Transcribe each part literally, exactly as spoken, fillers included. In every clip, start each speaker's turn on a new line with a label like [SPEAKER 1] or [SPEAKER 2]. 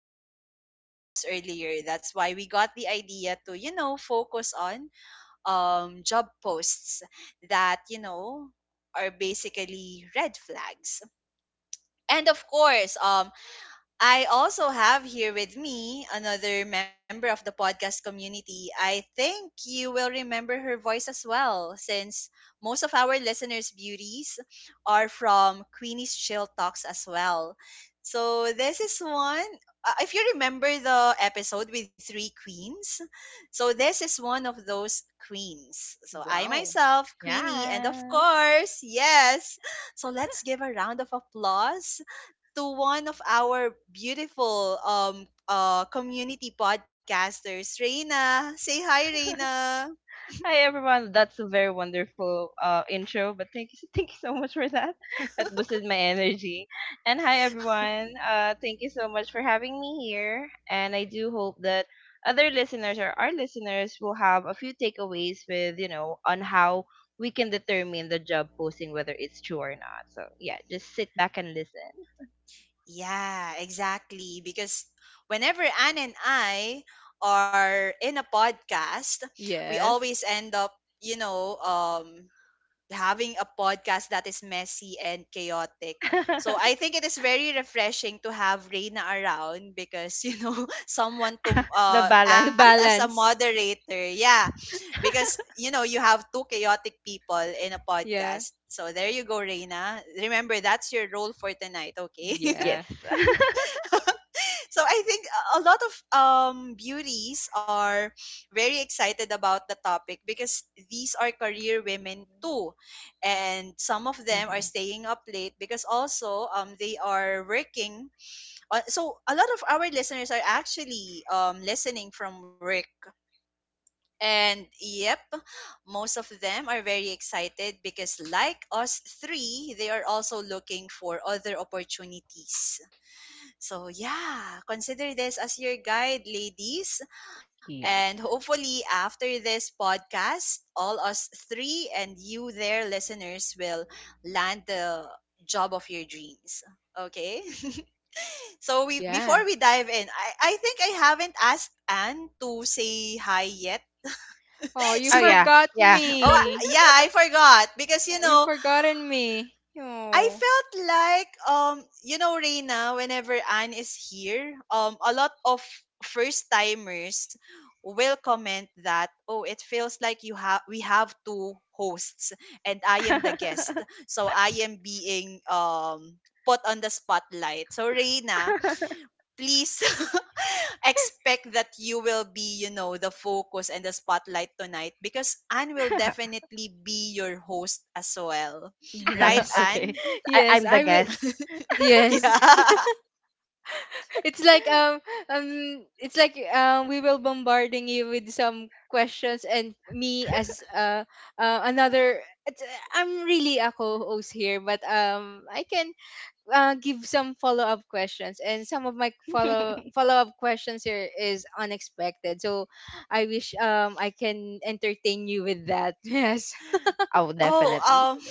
[SPEAKER 1] about um jobs earlier, that's why we got the idea to, you know, focus on um, job posts that you know are basically red flags. And of course, um, I also have here with me another member of the podcast community. I think you will remember her voice as well, since most of our listeners' beauties are from Queenie's Chill Talks as well. So, this is one. uh, If you remember the episode with three queens, so this is one of those queens. So, I
[SPEAKER 2] Wow.
[SPEAKER 1] myself, Queenie, and of course, yes. So, let's give a round of applause to one of our beautiful um uh community podcasters, Reina. Say hi, Reina. Yeah, exactly. Because whenever Anne and I are in a podcast, we
[SPEAKER 2] Yes.
[SPEAKER 1] always end up, you know, um, having a podcast that is messy and chaotic. So I think it is very refreshing to have Reina around because you know someone to uh,
[SPEAKER 2] To
[SPEAKER 1] act as a
[SPEAKER 2] balance.
[SPEAKER 1] moderator. Yeah, because you know you have two chaotic people in a podcast.
[SPEAKER 2] Yeah.
[SPEAKER 1] So there you go, Reina. Remember that's your role for tonight, okay?
[SPEAKER 2] Yeah.
[SPEAKER 1] So I think a lot of um, beauties are very excited about the topic because these are career women too, and some of them are staying up late because also um, they are working. On, so a lot of our listeners are actually um, listening from work, and yep, most of them are very excited because like us three, they are also looking for other opportunities, so yeah, consider this as your guide, ladies. And hopefully after this podcast, all us three and you there listeners will land the job of your dreams. Okay? So we before
[SPEAKER 2] Yeah.
[SPEAKER 1] we dive in, I, I think I haven't asked Anne to say hi yet.
[SPEAKER 2] Oh, you
[SPEAKER 1] So
[SPEAKER 2] forgot
[SPEAKER 1] oh I-
[SPEAKER 2] me.
[SPEAKER 1] yeah, I forgot because
[SPEAKER 2] Uh,
[SPEAKER 1] you
[SPEAKER 2] You
[SPEAKER 1] know
[SPEAKER 2] forgotten me.
[SPEAKER 1] I
[SPEAKER 2] Oh.
[SPEAKER 1] felt like um you know Reina, whenever Anne is here, um a lot of first timers will comment that oh it feels like you have we have two hosts and I am the guest, so I am being um put on the spotlight. So Reina, please expect that you will be, you know, the focus and the spotlight tonight, because Anne will definitely be your host as well, right
[SPEAKER 2] Yes.
[SPEAKER 1] Anne?
[SPEAKER 2] Yes, I will. Yes.
[SPEAKER 1] Yeah.
[SPEAKER 2] it's like um um it's like um we will bombarding you with some questions and me as uh, uh another it's- I'm really a co-host here, but um I can uh, give some follow-up questions, and some of my follow follow-up questions here is unexpected. So I wish um I can entertain you with that. Yes.
[SPEAKER 1] Oh, um,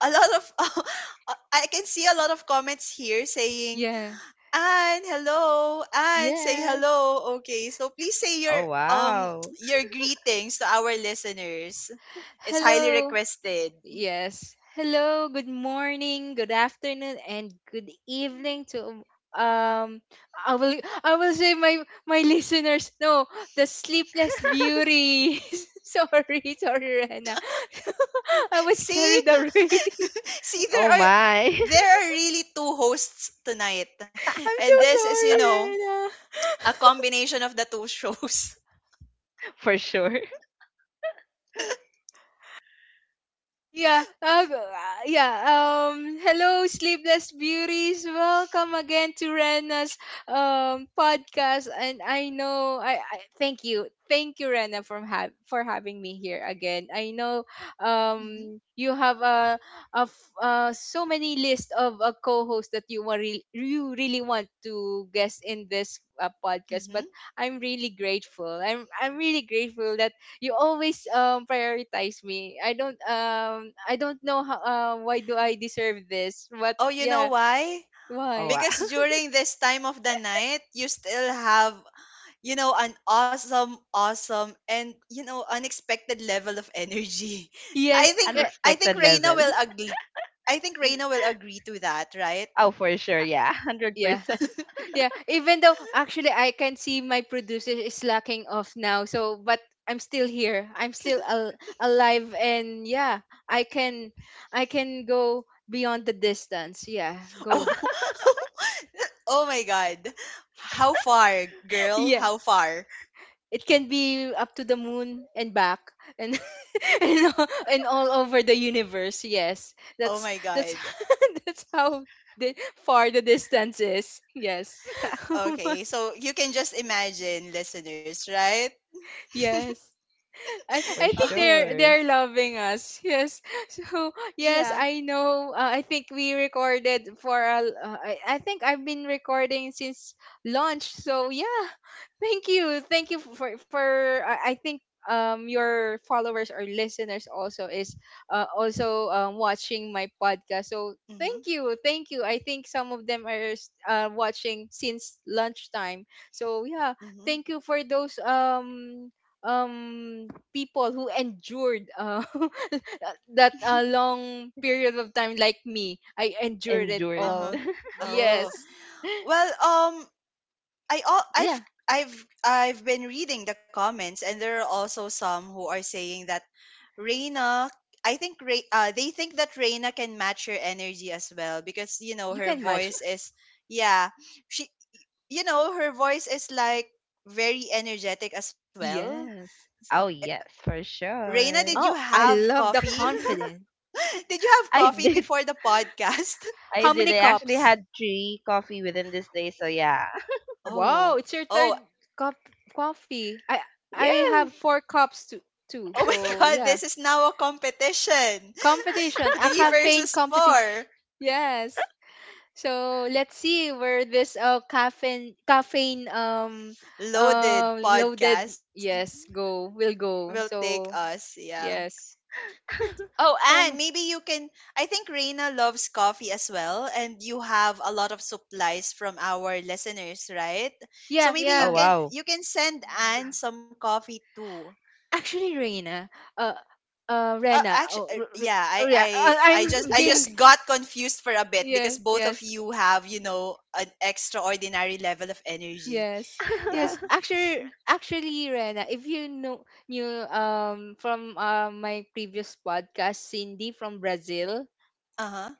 [SPEAKER 1] a lot of uh, I can see a lot of comments here saying,
[SPEAKER 2] Yeah.
[SPEAKER 1] "Anne, hello, Anne, say
[SPEAKER 2] Yes.
[SPEAKER 1] hello." Okay, so please say your um your greetings to our listeners. It's highly
[SPEAKER 2] Hello.
[SPEAKER 1] requested.
[SPEAKER 2] Yes. Hello, good morning, good afternoon, and good evening to um I will I will say my my listeners, no, the sleepless beauty. Sorry, sorry, Rena. I was
[SPEAKER 1] See,
[SPEAKER 2] carried away.
[SPEAKER 1] see, there are there are really two hosts tonight,
[SPEAKER 2] I'm
[SPEAKER 1] and this
[SPEAKER 2] so
[SPEAKER 1] is, you
[SPEAKER 2] sorry,
[SPEAKER 1] know,
[SPEAKER 2] Rena.
[SPEAKER 1] a combination of the two shows.
[SPEAKER 2] Yeah, uh, g- uh, yeah. Um, hello, sleepless beauties. Welcome again to Rena's um podcast. And I know, I, I thank you, thank you, Rena, for have for having me here again. I know, um, you have a a f- uh, so many list of a co-host that you want re- you really want to guest in this uh,
[SPEAKER 1] hmm
[SPEAKER 2] podcast.
[SPEAKER 1] hmm
[SPEAKER 2] But I'm really grateful. I'm I'm really grateful that you always um prioritize me. I don't um I don't know how uh, why do I deserve this, but
[SPEAKER 1] Oh, you know
[SPEAKER 2] yeah,
[SPEAKER 1] why?
[SPEAKER 2] why?
[SPEAKER 1] Because during this time of the night, you still have, you know, an awesome, awesome, and, you know, unexpected level of energy. I
[SPEAKER 2] Yes.
[SPEAKER 1] think
[SPEAKER 2] eh,
[SPEAKER 1] I think Reina will agree. I think
[SPEAKER 2] y-
[SPEAKER 1] Reina will agree to that, right?
[SPEAKER 2] Yeah. Yeah. Even though actually I can see my producer is slacking off now. So but I'm still here. I'm still al- alive, and yeah, I can I can go beyond the distance. Yeah, go.
[SPEAKER 1] Oh, oh my God, how far, girl?
[SPEAKER 2] Yeah.
[SPEAKER 1] How far?
[SPEAKER 2] It can be up to the moon and back, and and, all- and all over the universe. Yes.
[SPEAKER 1] Oh
[SPEAKER 2] That's
[SPEAKER 1] my
[SPEAKER 2] that's
[SPEAKER 1] God.
[SPEAKER 2] That's how the, far the distance is. Yes.
[SPEAKER 1] Okay, so you can just imagine, listeners, right?
[SPEAKER 2] Yes. I I think they're
[SPEAKER 1] Okay.
[SPEAKER 2] they're loving us. Yes. So yes,
[SPEAKER 1] Yeah.
[SPEAKER 2] I know. Uh, I think we recorded for a. l- uh, I I think I've been recording since launch. So yeah, thank you, thank you for for. I I think um your followers or listeners also is uh, also um, watching my podcast. So
[SPEAKER 1] Mm-hmm.
[SPEAKER 2] thank you, thank you. I think some of them are s- uh, watching since lunchtime. So yeah,
[SPEAKER 1] Mm-hmm.
[SPEAKER 2] thank you for those um um people who endured uh, that uh, long period of time. Like me, I endured it all.
[SPEAKER 1] Uh-huh. Oh.
[SPEAKER 2] Yes.
[SPEAKER 1] Well, um I all I've
[SPEAKER 2] Yeah.
[SPEAKER 1] I've I've been reading the comments, and there are also some who are saying that Reina, I think Re- uh, they think that Reina can match her energy as well, because you know
[SPEAKER 2] You
[SPEAKER 1] her
[SPEAKER 2] can match it.
[SPEAKER 1] voice is, yeah, she you know her voice is like very energetic as well.
[SPEAKER 2] Yes.
[SPEAKER 1] So Reina, did you
[SPEAKER 2] Oh, I
[SPEAKER 1] have
[SPEAKER 2] love the
[SPEAKER 1] coffee?
[SPEAKER 2] confident.
[SPEAKER 1] Did you have coffee before the podcast?
[SPEAKER 2] How many cups? Wow,
[SPEAKER 1] oh
[SPEAKER 2] it's your third
[SPEAKER 1] oh
[SPEAKER 2] cup. Coffee, i i have four cups too, too.
[SPEAKER 1] Oh my
[SPEAKER 2] So
[SPEAKER 1] God,
[SPEAKER 2] yeah.
[SPEAKER 1] this is now a competition.
[SPEAKER 2] Competition, a
[SPEAKER 1] Three
[SPEAKER 2] caffeine
[SPEAKER 1] versus
[SPEAKER 2] competition.
[SPEAKER 1] four.
[SPEAKER 2] Yes. So let's see where this uh caffeine caffeine um
[SPEAKER 1] Loaded
[SPEAKER 2] uh, loaded,
[SPEAKER 1] podcast
[SPEAKER 2] yes, go will
[SPEAKER 1] will
[SPEAKER 2] go.
[SPEAKER 1] take
[SPEAKER 2] So
[SPEAKER 1] us. Yeah.
[SPEAKER 2] yes.
[SPEAKER 1] Oh, and
[SPEAKER 2] Um,
[SPEAKER 1] maybe you can. I think Reina loves coffee as well, and you have a lot of supplies from our listeners, right? So
[SPEAKER 2] yeah,
[SPEAKER 1] maybe you
[SPEAKER 2] yeah.
[SPEAKER 1] can, you can send Anne
[SPEAKER 2] Mhm.
[SPEAKER 1] some coffee too.
[SPEAKER 2] Actually, Reina, uh, uh,
[SPEAKER 1] Uh,
[SPEAKER 2] Rena.
[SPEAKER 1] actually,
[SPEAKER 2] Oh,
[SPEAKER 1] uh,
[SPEAKER 2] r- r-
[SPEAKER 1] yeah, I,
[SPEAKER 2] oh yeah. I-
[SPEAKER 1] I, I just,
[SPEAKER 2] I'm
[SPEAKER 1] I
[SPEAKER 2] being,
[SPEAKER 1] just got confused for a bit,
[SPEAKER 2] yeah,
[SPEAKER 1] because both of
[SPEAKER 2] yes,
[SPEAKER 1] you have, you know, an extraordinary level of energy.
[SPEAKER 2] yes.
[SPEAKER 1] Yeah,
[SPEAKER 2] Yes. Actually, actually, Rena, if you know knew um from uh, my previous podcast, Cindy from Brazil.
[SPEAKER 1] Uh-huh.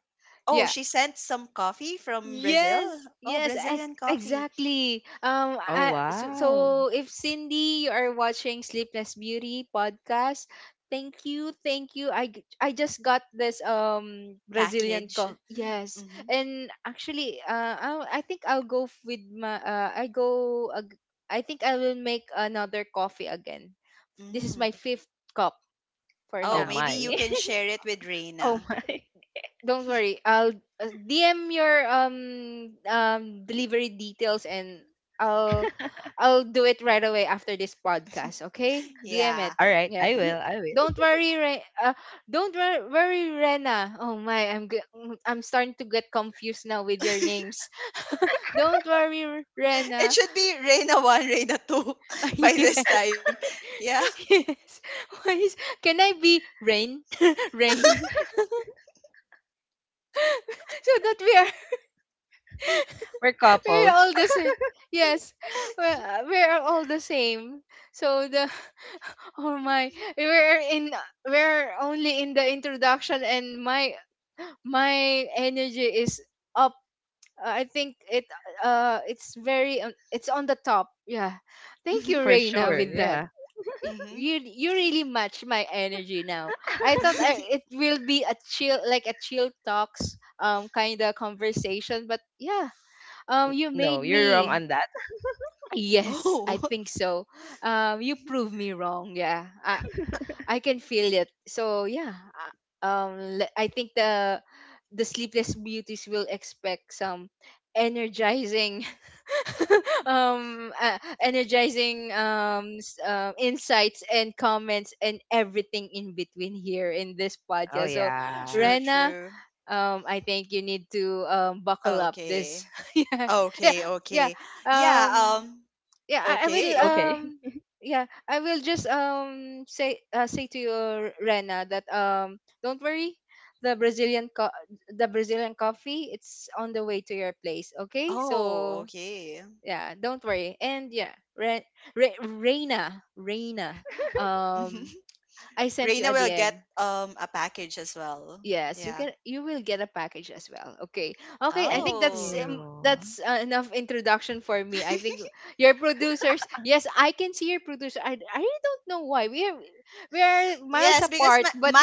[SPEAKER 1] Oh,
[SPEAKER 2] Yeah.
[SPEAKER 1] she sent some coffee from Brazil.
[SPEAKER 2] Yes,
[SPEAKER 1] Oh,
[SPEAKER 2] yes,
[SPEAKER 1] Brazilian
[SPEAKER 2] ex-
[SPEAKER 1] coffee
[SPEAKER 2] exactly. Um, I, so, so if Cindy, you are watching Sleepless Beauty podcast, thank you, thank you. I g- I just got this um Brazilian
[SPEAKER 1] package.
[SPEAKER 2] coffee. Yes,
[SPEAKER 1] Mm-hmm.
[SPEAKER 2] and actually, uh, I, I think I'll go f- with my uh, I go. Ag- I think I will make another coffee again. This is
[SPEAKER 1] Mm.
[SPEAKER 2] my fifth cup for
[SPEAKER 1] Oh,
[SPEAKER 2] now.
[SPEAKER 1] maybe you can share it with Reina.
[SPEAKER 2] Don't worry, I'll uh, D M your um um delivery details, and I'll I'll do it right away after this podcast, okay? D M
[SPEAKER 1] Yeah.
[SPEAKER 2] it. Yeah. Me- Don't worry, Re- uh, don't wor- worry, Rena. Oh my, I'm g- I'm starting to get confused now with your names. Don't worry, R-
[SPEAKER 1] It
[SPEAKER 2] Rena.
[SPEAKER 1] should be Reina one, Reina two by
[SPEAKER 2] Yeah.
[SPEAKER 1] this time. Yeah.
[SPEAKER 2] Yes. Why is- Can I be Rain? Rain. So that we are, we're all the same. Yes, we're, we're all the same. So the oh my, we're in we're only in the introduction, and my my energy is up. I think it uh it's very on- it's on the top. Yeah, thank you, Reina, with that. Y-
[SPEAKER 1] Mm-hmm.
[SPEAKER 2] You, you really match my energy now. I thought I,
[SPEAKER 1] Mm-hmm.
[SPEAKER 2] it will be a chill, like a chill talks um kind of conversation, but yeah, um you made me. Yes, I
[SPEAKER 1] oh.
[SPEAKER 2] think so. Um, you prove me wrong. Yeah, I, I can feel it. So yeah, uh, um, le- I think the the sleepless beauties will expect some energizing, um, uh, energizing um, s- uh, insights and comments and everything in between here in this podcast. So,
[SPEAKER 1] True,
[SPEAKER 2] Rena,
[SPEAKER 1] true.
[SPEAKER 2] um, I think you need to um, buckle up. This,
[SPEAKER 1] Okay.
[SPEAKER 2] yeah, yeah,
[SPEAKER 1] Okay,
[SPEAKER 2] yeah.
[SPEAKER 1] okay. Yeah,
[SPEAKER 2] Um,
[SPEAKER 1] um
[SPEAKER 2] yeah, I, I will
[SPEAKER 1] okay.
[SPEAKER 2] um yeah, I will just um say uh, say to you, Rena, that um don't worry, the brazilian co- the Brazilian coffee, it's on the way to your place, okay?
[SPEAKER 1] Oh,
[SPEAKER 2] So
[SPEAKER 1] okay.
[SPEAKER 2] yeah, don't worry. And yeah, Re- Re- reina Reina, um I sent you
[SPEAKER 1] Reina
[SPEAKER 2] a
[SPEAKER 1] will get
[SPEAKER 2] DM.
[SPEAKER 1] um a package as well.
[SPEAKER 2] Yes, you
[SPEAKER 1] Yeah.
[SPEAKER 2] can. You will get a package as well. Okay, okay. I think that's
[SPEAKER 1] Oh.
[SPEAKER 2] um, that's uh, enough introduction for me. I think your producers. Yes, I can see your producer. I, I really don't know why we are we are
[SPEAKER 1] Yes,
[SPEAKER 2] miles
[SPEAKER 1] because my
[SPEAKER 2] apart, but
[SPEAKER 1] my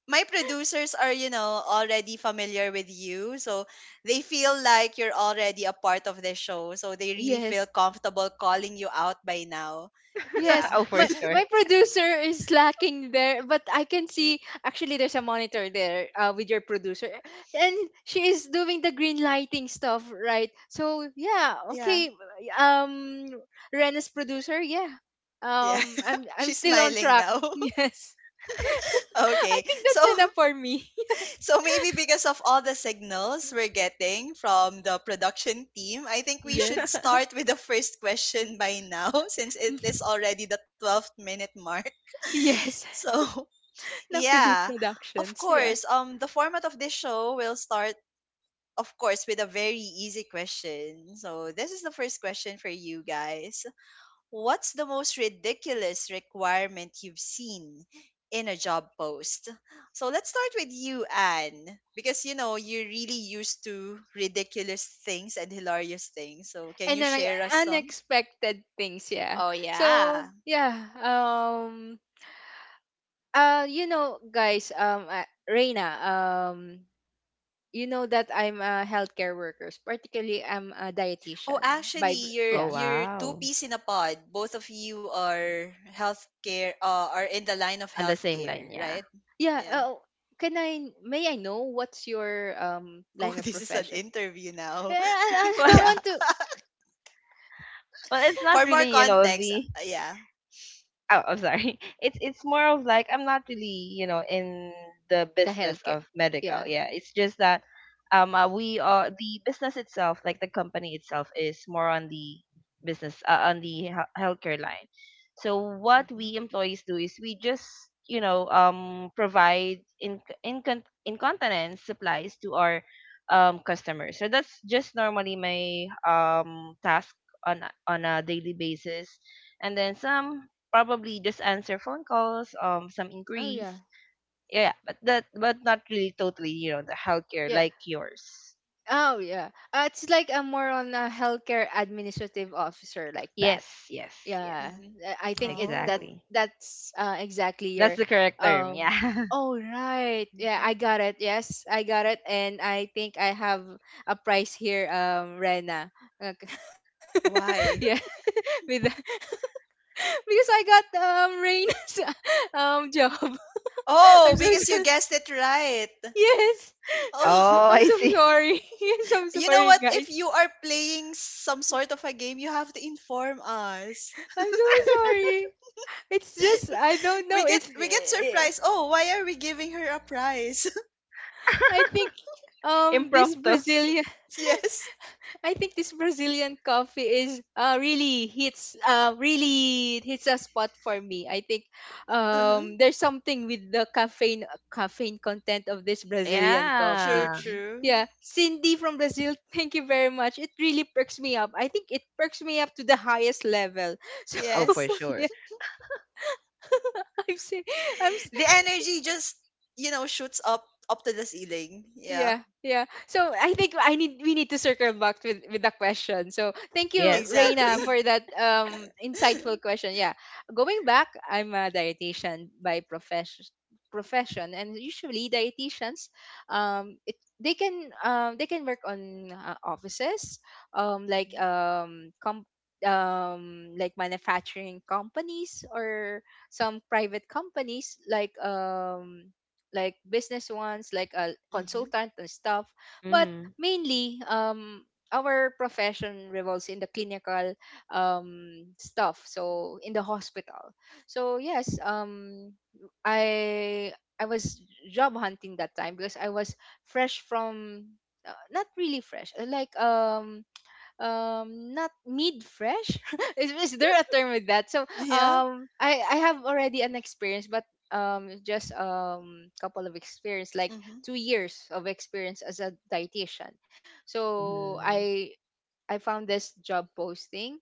[SPEAKER 1] my producers are, you know, already familiar with you. So they feel like you're already a part of the show. So they really feel
[SPEAKER 2] yes,
[SPEAKER 1] comfortable calling you out by now. Yeah.
[SPEAKER 2] yes, my my producer is lacking there, but I can see actually there's a monitor there uh, with your producer, and she is doing the green lighting stuff, right? So yeah,
[SPEAKER 1] Yeah.
[SPEAKER 2] okay, um, Rena's producer, yeah,
[SPEAKER 1] Yeah.
[SPEAKER 2] um, I'm
[SPEAKER 1] She's
[SPEAKER 2] I'm still on
[SPEAKER 1] smiling
[SPEAKER 2] track.
[SPEAKER 1] now.
[SPEAKER 2] Yes. I
[SPEAKER 1] okay.
[SPEAKER 2] think
[SPEAKER 1] So
[SPEAKER 2] that's enough for me.
[SPEAKER 1] So maybe because of all the signals we're getting from the production team, I think we should
[SPEAKER 2] Yes.
[SPEAKER 1] start with the first question by now, since it is already the twelfth minute mark.
[SPEAKER 2] Yes,
[SPEAKER 1] So,
[SPEAKER 2] enough with
[SPEAKER 1] yeah. Of
[SPEAKER 2] introductions, yeah.
[SPEAKER 1] course, um the format of this show will start, of course, with a very easy question. So, this is the first question for you guys. What's the most ridiculous requirement you've seen in a job post? So let's start with you, Anne, because you know you're really used to ridiculous things and hilarious things. So can
[SPEAKER 2] And
[SPEAKER 1] you
[SPEAKER 2] then like,
[SPEAKER 1] share us some?
[SPEAKER 2] unexpected things, yeah.
[SPEAKER 1] Oh
[SPEAKER 2] So
[SPEAKER 1] yeah.
[SPEAKER 2] yeah, um uh you know, guys, um uh, Reina, um you know that I'm a healthcare workers, particularly I'm a
[SPEAKER 1] Oh,
[SPEAKER 2] dietitian by br-
[SPEAKER 1] actually, you're
[SPEAKER 2] yeah,
[SPEAKER 1] you're two peas in a pod. Both of you are healthcare. Uh, are in the line of healthcare, right?
[SPEAKER 2] yeah.
[SPEAKER 1] Yeah.
[SPEAKER 2] Oh, can I may I know what's your um
[SPEAKER 1] Oh,
[SPEAKER 2] line of
[SPEAKER 1] this is an
[SPEAKER 2] profession?
[SPEAKER 1] interview now.
[SPEAKER 2] Yeah, I, I I
[SPEAKER 1] yeah.
[SPEAKER 2] want to
[SPEAKER 1] For more context, uh, yeah.
[SPEAKER 2] the healthcare, yeah.
[SPEAKER 1] Mm-hmm.
[SPEAKER 2] Oh yeah, yeah. Oh yeah, uh, it's like a more on a healthcare administrative officer, like that, yeah.
[SPEAKER 1] Mhm.
[SPEAKER 2] uh, I think it that
[SPEAKER 1] Oh.
[SPEAKER 2] That's uh, exactly your um oh right, yeah,
[SPEAKER 1] Mhm.
[SPEAKER 2] I got it, yes, I got it. And I think I have a prize here, um Rena. Okay. Yeah.
[SPEAKER 1] Why?
[SPEAKER 2] with the- because I got um Rena's um job.
[SPEAKER 1] Oh,
[SPEAKER 2] i'm so
[SPEAKER 1] because you
[SPEAKER 2] s-
[SPEAKER 1] guessed it right.
[SPEAKER 2] yes.
[SPEAKER 1] Oh,
[SPEAKER 2] I'm so sorry. I'm so
[SPEAKER 1] you know
[SPEAKER 2] sorry,
[SPEAKER 1] what?
[SPEAKER 2] guys.
[SPEAKER 1] If you are playing some sort of a game, you have to inform us.
[SPEAKER 2] I'm so sorry. It's just I don't
[SPEAKER 1] We
[SPEAKER 2] know,
[SPEAKER 1] get
[SPEAKER 2] it's
[SPEAKER 1] we get
[SPEAKER 2] eh,
[SPEAKER 1] surprised. Oh, why are we giving her a prize?
[SPEAKER 2] I think um this Brazilian
[SPEAKER 1] yes.
[SPEAKER 2] I think this Brazilian coffee is uh really hits uh really hits a spot for me. I think um
[SPEAKER 1] Uh-huh.
[SPEAKER 2] there's something with the caffeine caffeine content of this Brazilian
[SPEAKER 1] True,
[SPEAKER 2] coffee.
[SPEAKER 1] true.
[SPEAKER 2] Yeah, Cindy from Brazil, thank you very much. It really perks me up. I think it perks me up to the highest level. So
[SPEAKER 1] Yes.
[SPEAKER 2] yeah, I'm say, I'm s-
[SPEAKER 1] the energy just, you know, shoots up up to the ceiling.
[SPEAKER 2] yeah,
[SPEAKER 1] Yeah,
[SPEAKER 2] yeah. So I think I need we need to circle back with with the question. So thank you, Reina, for
[SPEAKER 1] exactly.
[SPEAKER 2] that um insightful question. Yeah, going back, I'm a dietitian by profession profession, and usually dietitians um it, they can um they can work on uh, offices, um like
[SPEAKER 1] mhm.
[SPEAKER 2] um com- um like manufacturing companies or some private companies, like um like business ones, like a
[SPEAKER 1] Mhm.
[SPEAKER 2] consultant and stuff. But mainly, um, our profession revolves in the clinical um, stuff, so in the hospital. So yes, um, I I was job hunting that time because I was fresh from uh, not really fresh, uh, like um um not mid fresh, is, is there a term with that? So
[SPEAKER 1] Yeah.
[SPEAKER 2] um i I have already an experience, but um just um couple of experience, like
[SPEAKER 1] Mhm.
[SPEAKER 2] two years of experience as a dietitian. So i I found this job posting.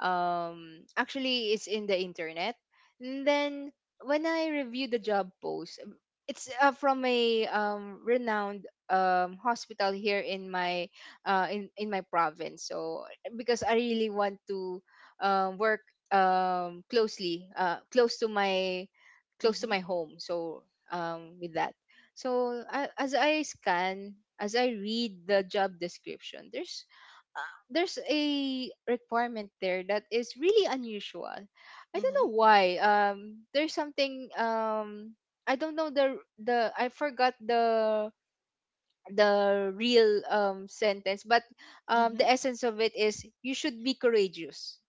[SPEAKER 2] Um, actually, it's in the internet. And then when I reviewed the job post, um, it's uh, from a um, renowned um, hospital here in my uh, in in my province. So because I really want to um, work um, closely, uh, close to my close
[SPEAKER 1] Mhm.
[SPEAKER 2] to my home. So um, with that, so I, as I scan, as I read the job description, there's there's a requirement there that is really unusual. I don't know
[SPEAKER 1] Mhm.
[SPEAKER 2] why. Um, there's something. Um, I don't know the the I forgot the the real um sentence, but um
[SPEAKER 1] Mm-hmm.
[SPEAKER 2] the essence of it is you should be courageous.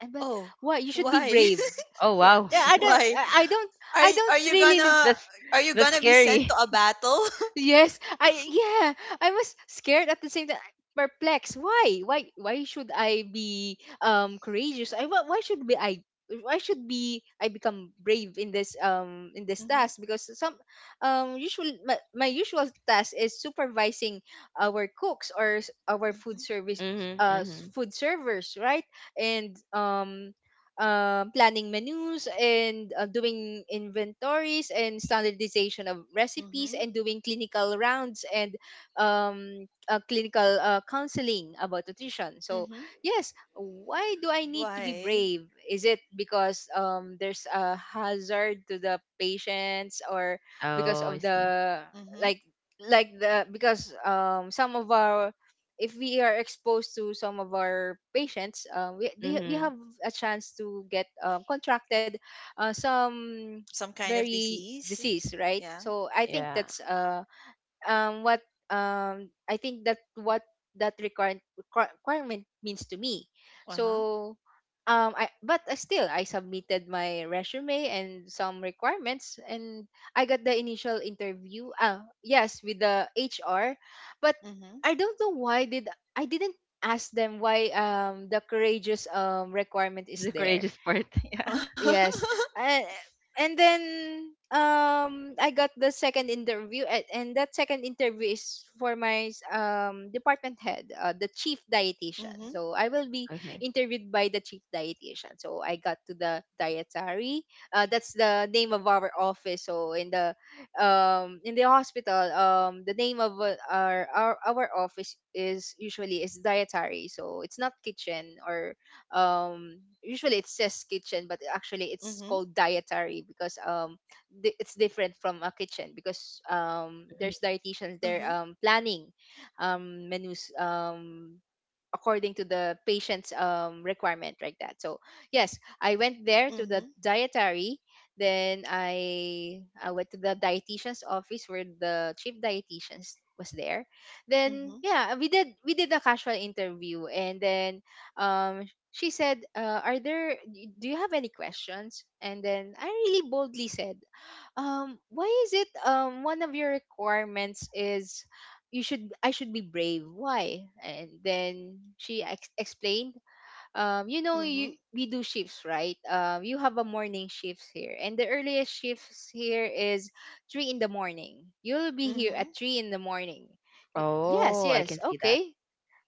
[SPEAKER 2] And but
[SPEAKER 1] Oh,
[SPEAKER 2] why you should be
[SPEAKER 1] why?
[SPEAKER 2] brave. Yeah, yeah. I don't.
[SPEAKER 1] Why?
[SPEAKER 2] I I don't.
[SPEAKER 1] Are
[SPEAKER 2] I
[SPEAKER 1] y-
[SPEAKER 2] don't
[SPEAKER 1] are you gonna,
[SPEAKER 2] really.
[SPEAKER 1] are you gonna be sent to a battle?
[SPEAKER 2] Yes, I yeah, I was scared at the same time, perplexed. Why? Why? Why should I be um courageous? I why why should be I, why should be I become brave in this um in this
[SPEAKER 1] Mm-hmm.
[SPEAKER 2] task? Because some um usual my, my usual task is supervising our cooks or s- our food
[SPEAKER 1] Mm-hmm.
[SPEAKER 2] service uh s- food servers, right? And um um, planning menus and uh, doing inventories and standardization of recipes,
[SPEAKER 1] Mm-hmm.
[SPEAKER 2] and doing clinical rounds and um, uh, clinical uh, counseling about nutrition. So,
[SPEAKER 1] Mm-hmm.
[SPEAKER 2] yes, why do I need to be
[SPEAKER 1] Why?
[SPEAKER 2] brave? Is it because um, there's a hazard to the patients, or because of the,
[SPEAKER 1] Mm-hmm.
[SPEAKER 2] like like the because um some of our if we are exposed to some of our patients, um, we they, we have a chance to get um, contracted, uh, some
[SPEAKER 1] Some kind of
[SPEAKER 2] very
[SPEAKER 1] disease?
[SPEAKER 2] disease, right?
[SPEAKER 1] Yeah.
[SPEAKER 2] So I think that's uh, um what um I think that what that requirement requirement means to me.
[SPEAKER 1] Uh-huh.
[SPEAKER 2] So um I but I still I submitted my resume and some requirements, and I got the initial interview, uh yes, with the H R, but
[SPEAKER 1] Mm-hmm.
[SPEAKER 2] I don't know, why did I didn't ask them why um the courageous um requirement is there. Yes. Uh, and then um I got the second interview, and, and that second interview is for my um department head, uh, the chief dietitian.
[SPEAKER 1] Mm-hmm.
[SPEAKER 2] So I will be interviewed by the chief dietitian. So I got to the dietary. Uh, that's the name of our office. So in the um in the hospital, um the name of uh, our, our our office is usually is dietary. So it's not kitchen or um usually it says kitchen, but actually it's
[SPEAKER 1] Mm-hmm.
[SPEAKER 2] called dietary because um di- it's different from a kitchen because um there's dietitians there
[SPEAKER 1] Uh-huh.
[SPEAKER 2] um planning um menus um according to the patient's um, requirement, like that. So yes, I went there to the
[SPEAKER 1] Mm-hmm.
[SPEAKER 2] dietary. Then i i went to the dietitian's office where the chief dietitian was there. Then,
[SPEAKER 1] Mm-hmm.
[SPEAKER 2] yeah, we did we did a casual interview. And then um she said, uh, are there do you have any questions? And then I really boldly said, um why is it um one of your requirements is, you should I should be brave, why? And then she ex- explained, um you know,
[SPEAKER 1] Mm-hmm.
[SPEAKER 2] you we do shifts, right? Um you have a morning shifts here, and the earliest shifts here is three in the morning. You'll be here at
[SPEAKER 1] Mm-hmm.
[SPEAKER 2] three in the morning. Y- yes, yes, okay,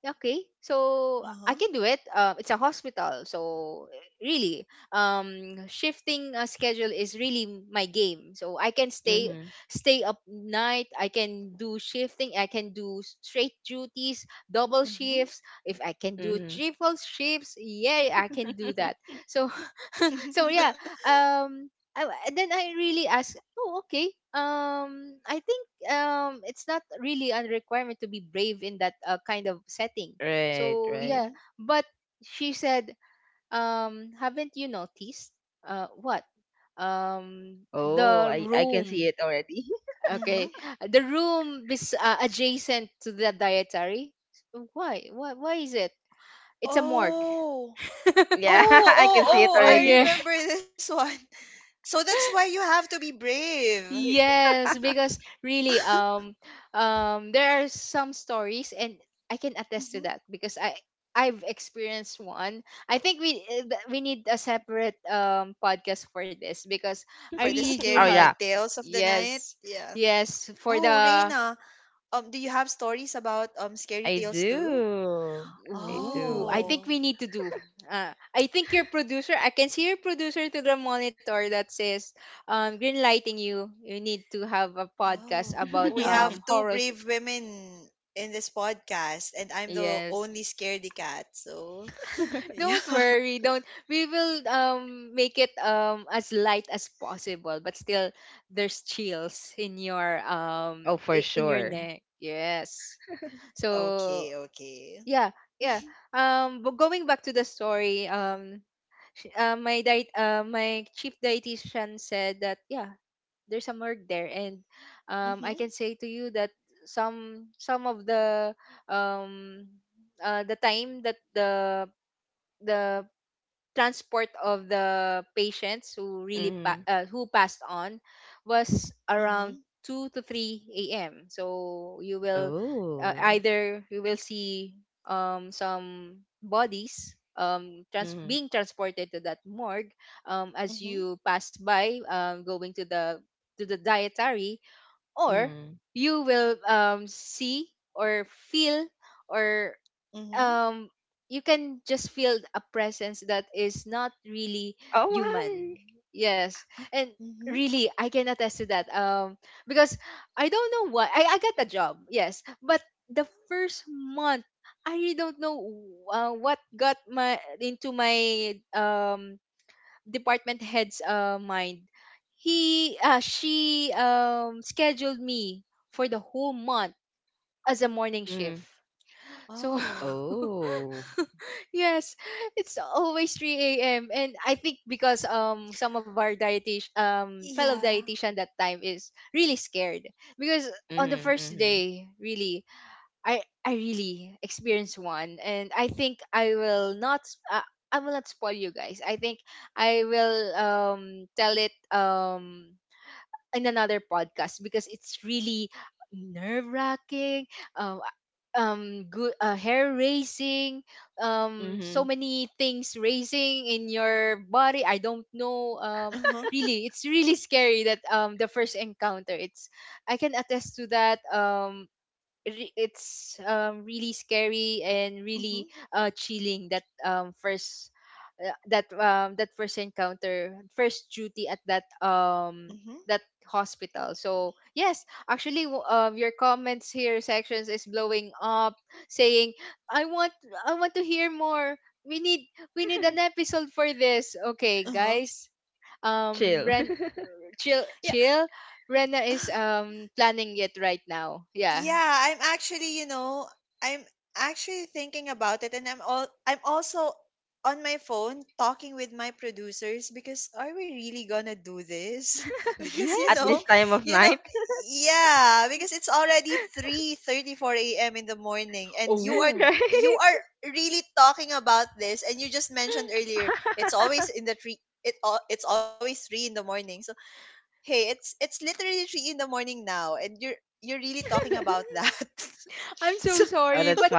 [SPEAKER 2] yeah, okay, so I
[SPEAKER 1] Uh-huh.
[SPEAKER 2] can do it. Uh, it's a hospital, so really, um, shifting a schedule is really my game. So I can stay stay up night. I can do shifting. I can do s- straight duties, double
[SPEAKER 1] Mm-hmm.
[SPEAKER 2] shifts. If I can do triple shifts, yeah, I can do that. So so, yeah. um I, and then I really asked, oh, okay, um I think um it's not really a requirement to be brave in that uh, kind of setting, so yeah.
[SPEAKER 1] mm-hmm.
[SPEAKER 2] But she said, um haven't you noticed, uh what um the room okay
[SPEAKER 1] Mm-hmm.
[SPEAKER 2] the room is uh, adjacent to the dietary? Why why why is it? It's a morgue.
[SPEAKER 1] Oh. Oh, oh, oh,
[SPEAKER 2] Oh
[SPEAKER 1] I
[SPEAKER 2] yeah.
[SPEAKER 1] remember this one. So that's why you have to be brave.
[SPEAKER 2] Yes, because really, um, um, there are some stories, and I can attest to
[SPEAKER 1] Mhm.
[SPEAKER 2] that because I I've experienced one. I think we, uh, th- we need a separate um podcast for this, because
[SPEAKER 1] For
[SPEAKER 2] I
[SPEAKER 1] the
[SPEAKER 2] really do
[SPEAKER 1] scary
[SPEAKER 2] have,
[SPEAKER 1] tales of the night.
[SPEAKER 2] yes,
[SPEAKER 1] Yeah.
[SPEAKER 2] yes, for
[SPEAKER 1] Oh
[SPEAKER 2] the,
[SPEAKER 1] Reina, um do you have stories about um scary tales too?
[SPEAKER 2] ooh. I think
[SPEAKER 1] Oh.
[SPEAKER 2] we need to do. Uh, I think your producer, I can see your producer to the monitor that says, um, green lighting you. You need to have a podcast
[SPEAKER 1] Oh.
[SPEAKER 2] about
[SPEAKER 1] We
[SPEAKER 2] um
[SPEAKER 1] have two
[SPEAKER 2] horror.
[SPEAKER 1] brave women in this podcast, and I'm the
[SPEAKER 2] Yes.
[SPEAKER 1] only scaredy cat. So, yeah.
[SPEAKER 2] Don't worry, don't we will um make it um as light as possible, but still there's chills in your, um i- in your neck. Yes. So
[SPEAKER 1] Okay, okay.
[SPEAKER 2] yeah, yeah. Um but going back to the story. Um sh- uh, my diet uh, my chief dietitian said that, yeah, there's some work there. And um I can say to you that some some of the, um uh, the time that the the transport of the patients who really pa- uh, who passed on was around
[SPEAKER 1] Mhm.
[SPEAKER 2] two to three a m. So you will, uh, either you will see um, some bodies, um, trans- being transported to that morgue, um, as
[SPEAKER 1] Mhm.
[SPEAKER 2] you pass by, um, going to the, to the dietary. Or you will, um, see, or feel, or
[SPEAKER 1] Mhm.
[SPEAKER 2] um you can just feel a presence that is not really human. Yes. And
[SPEAKER 1] Mhm.
[SPEAKER 2] really, I can attest to that, um because I don't know why, i, I got a job. Yes. But the first month, I really don't know uh, what got my, into my um department head's, uh, mind. He, uh, she um scheduled me for the whole month as a morning shift. So
[SPEAKER 1] Oh.
[SPEAKER 2] yes, it's always three a m. And I think because um some of our dietitian um fellow
[SPEAKER 1] Yeah.
[SPEAKER 2] dietitian that time is really scared, because on the first day, really, I I really experienced one. And I think I will not. s- Uh, I will not spoil you guys. I think I will um tell it um in another podcast because it's really nerve wracking, um, um, good, uh, hair raising, um, so many things raising in your body. I don't know. Um,
[SPEAKER 1] Uh-huh.
[SPEAKER 2] really, it's really scary, that um the first encounter. It's I can attest to that. Um, re- it's um, really scary, and really
[SPEAKER 1] Mhm.
[SPEAKER 2] uh, chilling, that um, first uh, that um, that first encounter, first duty at that um
[SPEAKER 1] Mhm.
[SPEAKER 2] that hospital. So yes, actually, w- um, your comments here sections is blowing up saying, i want I want to hear more. we need we need an episode for this. Okay,
[SPEAKER 1] Uh-huh.
[SPEAKER 2] guys. Um ren Chill,
[SPEAKER 1] Yeah.
[SPEAKER 2] chill. Rena is um planning it right now. Yeah.
[SPEAKER 1] Yeah, I'm actually, you know, I'm actually thinking about it, and I'm all I'm also on my phone talking with my producers, because are we really gonna do this? Because you
[SPEAKER 2] Yes, we
[SPEAKER 1] know,
[SPEAKER 2] can.
[SPEAKER 1] you know, yeah, because it's already three thirty-four a m in the morning, and you are
[SPEAKER 2] Oh.
[SPEAKER 1] you are really talking about this, and you just mentioned earlier, it's always in the three, it al- it's always three in the morning. So hey, it's, it's literally three in the morning now, and you're you're really talking about that.
[SPEAKER 2] I'm
[SPEAKER 1] So
[SPEAKER 2] so sorry, but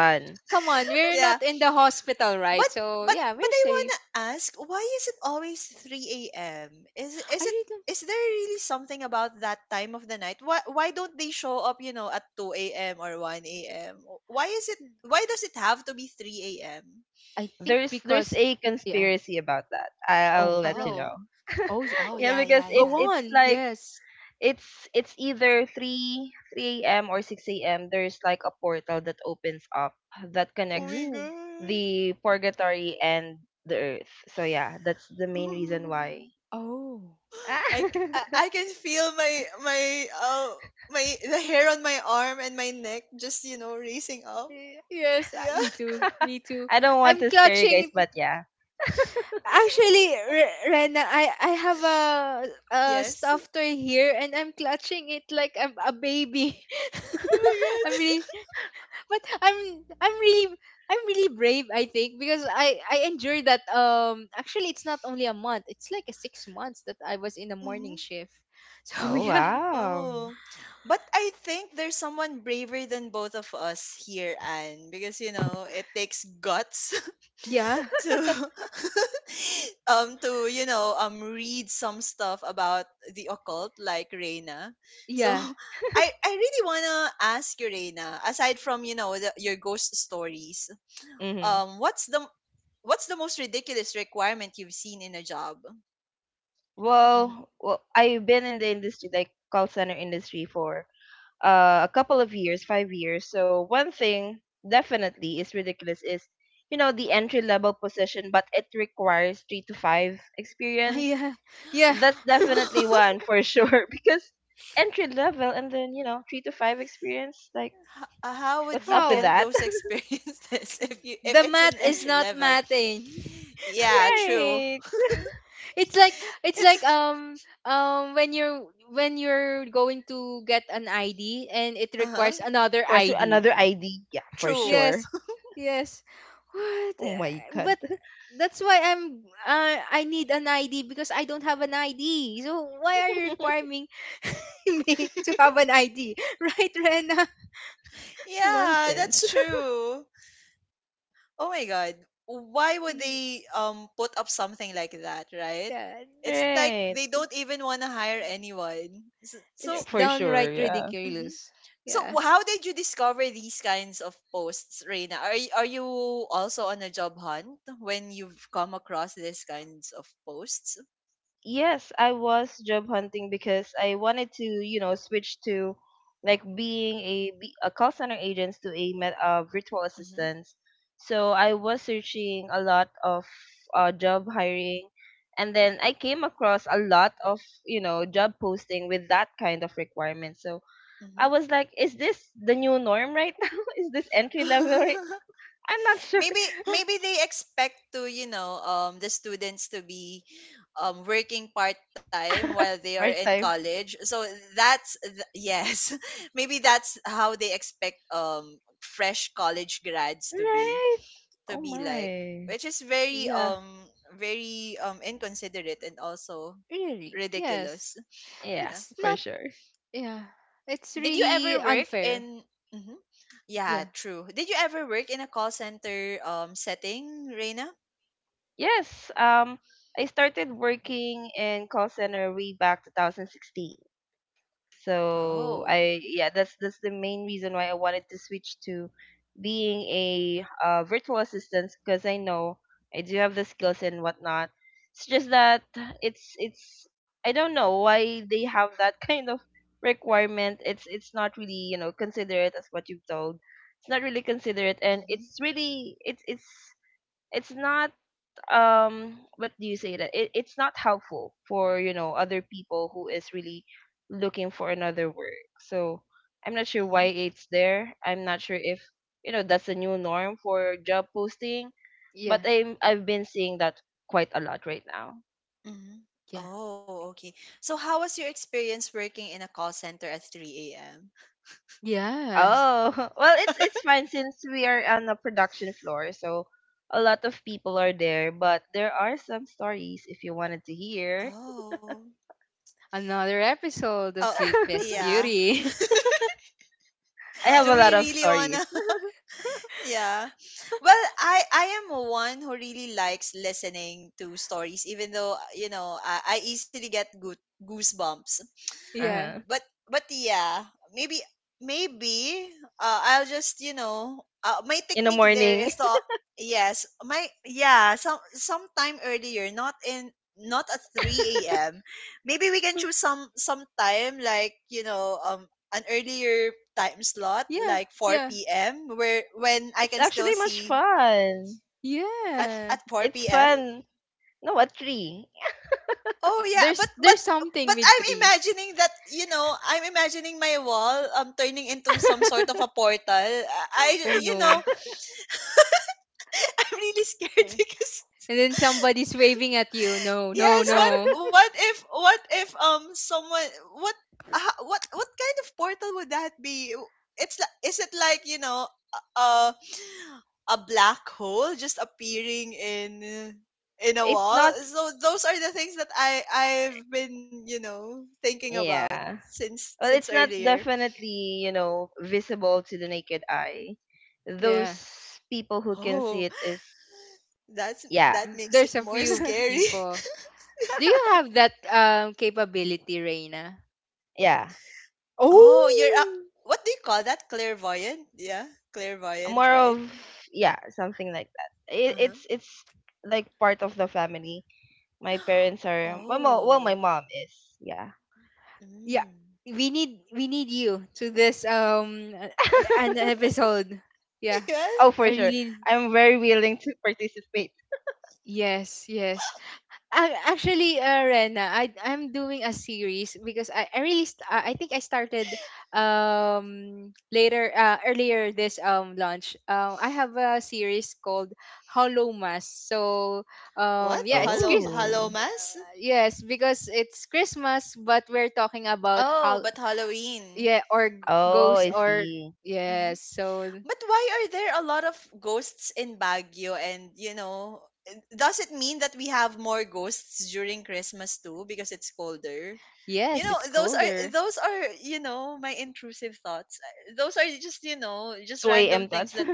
[SPEAKER 2] come on, we're
[SPEAKER 1] yeah,
[SPEAKER 2] not in the hospital,
[SPEAKER 1] but,
[SPEAKER 2] right? So
[SPEAKER 1] but
[SPEAKER 2] yeah,
[SPEAKER 1] but
[SPEAKER 2] we're
[SPEAKER 1] I
[SPEAKER 2] safe.
[SPEAKER 1] wanna ask, why is it always three a m? Is it- is
[SPEAKER 2] I
[SPEAKER 1] it,
[SPEAKER 2] really
[SPEAKER 1] is there really something about that time of the night? Why, why don't they show up? You know, at two a m or one a m? Why is it?
[SPEAKER 2] don't.
[SPEAKER 1] Why does it have to be three a m?
[SPEAKER 2] I think because, yeah. Oh, right.
[SPEAKER 1] Oh
[SPEAKER 2] Oh, s-
[SPEAKER 1] oh
[SPEAKER 2] oh,
[SPEAKER 1] yeah yeah
[SPEAKER 2] go
[SPEAKER 1] yeah.
[SPEAKER 2] on. Yes.
[SPEAKER 1] Oh my
[SPEAKER 2] Oh,
[SPEAKER 1] god.
[SPEAKER 2] oh.
[SPEAKER 1] I, c- I I can feel my, my uh, my the hair on my arm and my neck just, you know, racing up.
[SPEAKER 2] Y- Yes, I-
[SPEAKER 1] Yeah.
[SPEAKER 2] me too. Me too. I'm clutching. Actually, Re- Rena, I I have a a
[SPEAKER 1] Yes.
[SPEAKER 2] stuffed toy here, and I'm clutching it like I'm a baby.
[SPEAKER 1] Oh
[SPEAKER 2] I'm
[SPEAKER 1] my god.
[SPEAKER 2] really but I'm I'm really, I'm really brave, I think, because I I endured that. Um actually, it's not only a month, it's like a six months that I was in the
[SPEAKER 1] hmm
[SPEAKER 2] morning shift. So yeah.
[SPEAKER 1] Oh, but I think there's someone braver than both of us here, Anne, because you know it takes guts
[SPEAKER 2] Yeah.
[SPEAKER 1] to um to, you know, um read some stuff about the occult, like Reina. So
[SPEAKER 2] Yeah.
[SPEAKER 1] I I really wanna ask you Reina, aside from, you know, the, your ghost stories, um what's the, what's the most ridiculous requirement you've seen in a job? Hmm
[SPEAKER 2] Yeah. Yeah.
[SPEAKER 1] H- how would you get
[SPEAKER 2] How?
[SPEAKER 1] those experiences if, you if
[SPEAKER 2] The
[SPEAKER 1] it's an
[SPEAKER 2] math is
[SPEAKER 1] entry
[SPEAKER 2] not
[SPEAKER 1] level?
[SPEAKER 2] mathing.
[SPEAKER 1] Yeah, true.
[SPEAKER 2] It's like it's like,
[SPEAKER 1] It's
[SPEAKER 2] um um when you're, when you're going to get an I D, and it
[SPEAKER 1] uh huh.
[SPEAKER 2] requires another I D.
[SPEAKER 1] True.
[SPEAKER 2] Yes, yes. What? Uh, But that's why I'm. Uh, I need an I D because I don't have an I D. So why are you requiring me to have an I D, right, Rena?
[SPEAKER 1] Yeah, that's true. Oh my god. Why would
[SPEAKER 2] Y-
[SPEAKER 1] they um put up something like that, right?
[SPEAKER 2] Yeah,
[SPEAKER 1] It's like they don't even want to hire anyone. So,
[SPEAKER 2] it's
[SPEAKER 1] so,
[SPEAKER 2] downright
[SPEAKER 1] mhm.
[SPEAKER 2] ridiculous. Yeah,
[SPEAKER 1] So how did you discover these kinds of posts, Reina? Are y- are you also on a job hunt when you've come across these kinds of posts? Mm-hmm. Mm-hmm. maybe maybe they expect to you know um the students to be um working part time while they are in college. So that's th- yes maybe that's how they expect um fresh college grads to be, to be like, which is very
[SPEAKER 2] yeah.
[SPEAKER 1] um very um inconsiderate and also
[SPEAKER 2] Really? Yes.
[SPEAKER 1] ridiculous. Yeah,
[SPEAKER 2] It's not. Yeah. It's
[SPEAKER 1] did you
[SPEAKER 2] really
[SPEAKER 1] ever work
[SPEAKER 2] unfair.
[SPEAKER 1] in, mhm, yeah
[SPEAKER 2] Yeah,
[SPEAKER 1] true, did you ever work in a call center um setting, Reina? Oh, mm-hmm, mm-hmm,
[SPEAKER 2] yeah,
[SPEAKER 1] mm-hmm.
[SPEAKER 2] yeah,
[SPEAKER 1] Oh, okay. So how was your experience working in a call center at three a m?
[SPEAKER 2] yeah.
[SPEAKER 1] Oh,
[SPEAKER 2] Another episode of
[SPEAKER 1] oh,
[SPEAKER 2] Sleepless
[SPEAKER 1] yeah.
[SPEAKER 2] Beauty.
[SPEAKER 1] Do we really wanna? Yeah. Well, I I am one who really likes listening to stories, even though uh, you know, I, I easily get good goosebumps,
[SPEAKER 2] Yeah.
[SPEAKER 1] but but yeah, maybe, maybe uh, I'll just you know uh, my technique there is to, yes my yeah, some sometime earlier, not in, not at three a.m. Maybe we can choose some some time like, you know um an earlier time slot
[SPEAKER 2] Yeah,
[SPEAKER 1] like four
[SPEAKER 2] yeah,
[SPEAKER 1] p.m. where when I can still see, at
[SPEAKER 2] yeah.
[SPEAKER 1] at four p.m. Oh yeah, but
[SPEAKER 2] There's
[SPEAKER 1] but
[SPEAKER 2] there's something
[SPEAKER 1] but
[SPEAKER 2] with
[SPEAKER 1] I'm
[SPEAKER 2] three.
[SPEAKER 1] imagining that, you know, I'm imagining my wall um turning into some sort of a portal. I I-
[SPEAKER 2] Oh
[SPEAKER 1] you
[SPEAKER 2] no.
[SPEAKER 1] know, I'm really scared
[SPEAKER 2] Eh,
[SPEAKER 1] because,
[SPEAKER 2] And then somebody's waving at you. No, no,
[SPEAKER 1] yes, what
[SPEAKER 2] no.
[SPEAKER 1] what if, what if um someone, what, ha- what what kind of portal would that be? It's like, is it like, you know, uh a black hole just appearing in in a wall? So those are the things that I I've been, you know, thinking about since, since earlier.
[SPEAKER 2] Yeah.
[SPEAKER 1] Oh, that's, that
[SPEAKER 2] N-
[SPEAKER 1] makes it
[SPEAKER 2] There's a
[SPEAKER 1] more
[SPEAKER 2] few
[SPEAKER 1] scary.
[SPEAKER 2] people. Do you have that um capability, Reina?
[SPEAKER 1] oh, you're a,
[SPEAKER 2] Oh
[SPEAKER 1] what do you call that? Clairvoyant? Yeah, clairvoyant, right? Uh-huh. Oh.
[SPEAKER 2] yeah.
[SPEAKER 1] Mm.
[SPEAKER 2] We need we need you to this um uh, an episode. Yeah.
[SPEAKER 1] yeah.
[SPEAKER 2] I really Yes, yes. Ac- actually, uh, Rena, I I'm doing a series because, I, I really, st- I I think I started, um later uh, earlier this um launch. um I have a series called Hollow Mass. So,
[SPEAKER 1] What?
[SPEAKER 2] um yeah, it's
[SPEAKER 1] Hollow,
[SPEAKER 2] Chris
[SPEAKER 1] Hollow Mass?
[SPEAKER 2] yes, because it's Christmas, but we're talking about
[SPEAKER 1] Oh,
[SPEAKER 2] how,
[SPEAKER 1] but Halloween.
[SPEAKER 2] yeah, or g- ghosts, or
[SPEAKER 1] Hmm.
[SPEAKER 2] yes, so
[SPEAKER 1] But why are there a lot of ghosts in Baguio? And, you know, does it mean that we have more ghosts during Christmas too because it's colder? You
[SPEAKER 2] yes,
[SPEAKER 1] know,
[SPEAKER 2] it's
[SPEAKER 1] those are,
[SPEAKER 2] colder.
[SPEAKER 1] those are, you know, my intrusive thoughts. Those are just, you know, just random things that,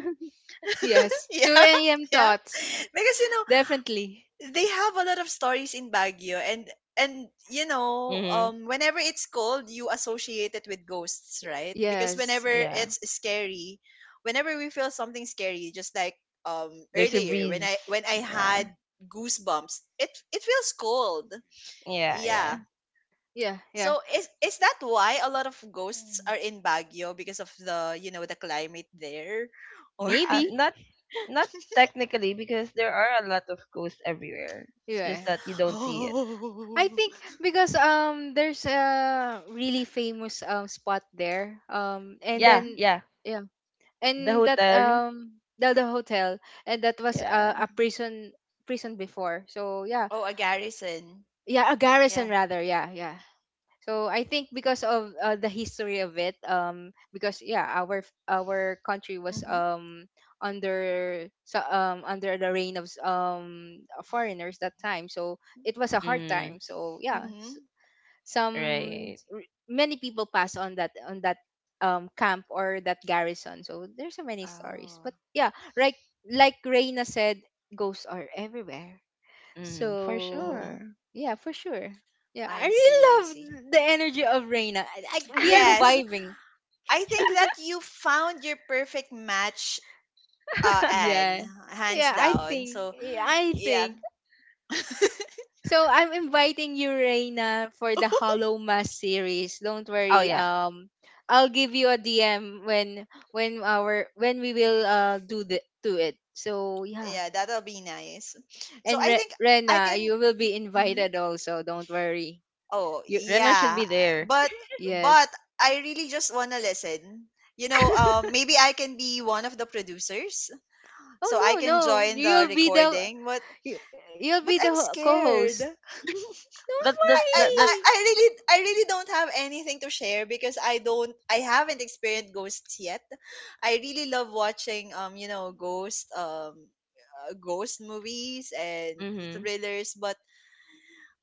[SPEAKER 2] Yes,
[SPEAKER 1] yeah,
[SPEAKER 2] two a.m
[SPEAKER 1] yeah,
[SPEAKER 2] thoughts,
[SPEAKER 1] because, you know,
[SPEAKER 2] definitely.
[SPEAKER 1] they have a lot of stories in Baguio. and and you know, um whenever it's cold, you associate it with ghosts, right? Because whenever
[SPEAKER 2] Yes,
[SPEAKER 1] it's scary, whenever we feel something scary, just like um earlier when, I when I had goosebumps, it it feels cold. Yeah,
[SPEAKER 2] yeah, yeah.
[SPEAKER 1] so is is that why a lot of ghosts
[SPEAKER 2] Mm.
[SPEAKER 1] are in Baguio, because of the, you know, the climate there, or,
[SPEAKER 2] Maybe. Yeah. I
[SPEAKER 1] oh,
[SPEAKER 2] think because um there's a really famous um spot there. Um and then,
[SPEAKER 1] mhm.
[SPEAKER 2] yeah. And that, um the, the hotel, and that was, uh, a prison prison before. So yeah.
[SPEAKER 1] Oh, a garrison.
[SPEAKER 2] Yeah, a garrison
[SPEAKER 1] Yeah.
[SPEAKER 2] rather. Yeah, yeah. So I think because of, uh, the history of it, um, because yeah, our, f- our country was
[SPEAKER 1] Mm-hmm.
[SPEAKER 2] um under so, um under the reign of, s- um foreigners, that time, so it was a hard time. So yeah.
[SPEAKER 1] Mm-hmm.
[SPEAKER 2] S- some r- many people pass on that on that um camp or that garrison. So there's so many stories,
[SPEAKER 1] Oh.
[SPEAKER 2] but yeah, like like Reina said, ghosts are everywhere. So
[SPEAKER 1] Mm-hmm.
[SPEAKER 2] yeah, for sure. Yeah, I
[SPEAKER 1] I see,
[SPEAKER 2] really
[SPEAKER 1] I see.
[SPEAKER 2] love the energy of Reina. I, I, we are
[SPEAKER 1] Yes.
[SPEAKER 2] vibing.
[SPEAKER 1] I think that you found your perfect match, uh, Anne,
[SPEAKER 2] Yeah,
[SPEAKER 1] hands
[SPEAKER 2] yeah. I
[SPEAKER 1] down.
[SPEAKER 2] think.
[SPEAKER 1] So,
[SPEAKER 2] Yeah, I
[SPEAKER 1] yeah.
[SPEAKER 2] think. So I'm inviting you, Reina, for the Hollow Mass series. Don't worry. Um, I'll give you a D M when when our when we will, uh do the do it. So yeah,
[SPEAKER 1] yeah, that'll be nice. So,
[SPEAKER 2] and
[SPEAKER 1] I
[SPEAKER 2] Re-
[SPEAKER 1] think I
[SPEAKER 2] Rena,
[SPEAKER 1] can.
[SPEAKER 2] you will be
[SPEAKER 1] Mhm.
[SPEAKER 2] invited also. Don't worry.
[SPEAKER 1] Oh,
[SPEAKER 2] You
[SPEAKER 1] yeah. But, but
[SPEAKER 2] Yes.
[SPEAKER 1] I really just want to listen. You know, uh, maybe I can be one of the producers.
[SPEAKER 2] Oh
[SPEAKER 1] So, I
[SPEAKER 2] no,
[SPEAKER 1] can
[SPEAKER 2] no.
[SPEAKER 1] join the
[SPEAKER 2] You'll be the
[SPEAKER 1] recording. But,
[SPEAKER 2] Y- You'll be the
[SPEAKER 1] but
[SPEAKER 2] ho-
[SPEAKER 1] I'm
[SPEAKER 2] co-host.
[SPEAKER 1] scared.
[SPEAKER 2] Don't
[SPEAKER 1] I, I, I
[SPEAKER 2] worry.
[SPEAKER 1] I really, I really don't have anything to share because I don't I haven't experienced ghosts yet. I really love watching um you know, ghost um uh, ghost movies and thrillers, but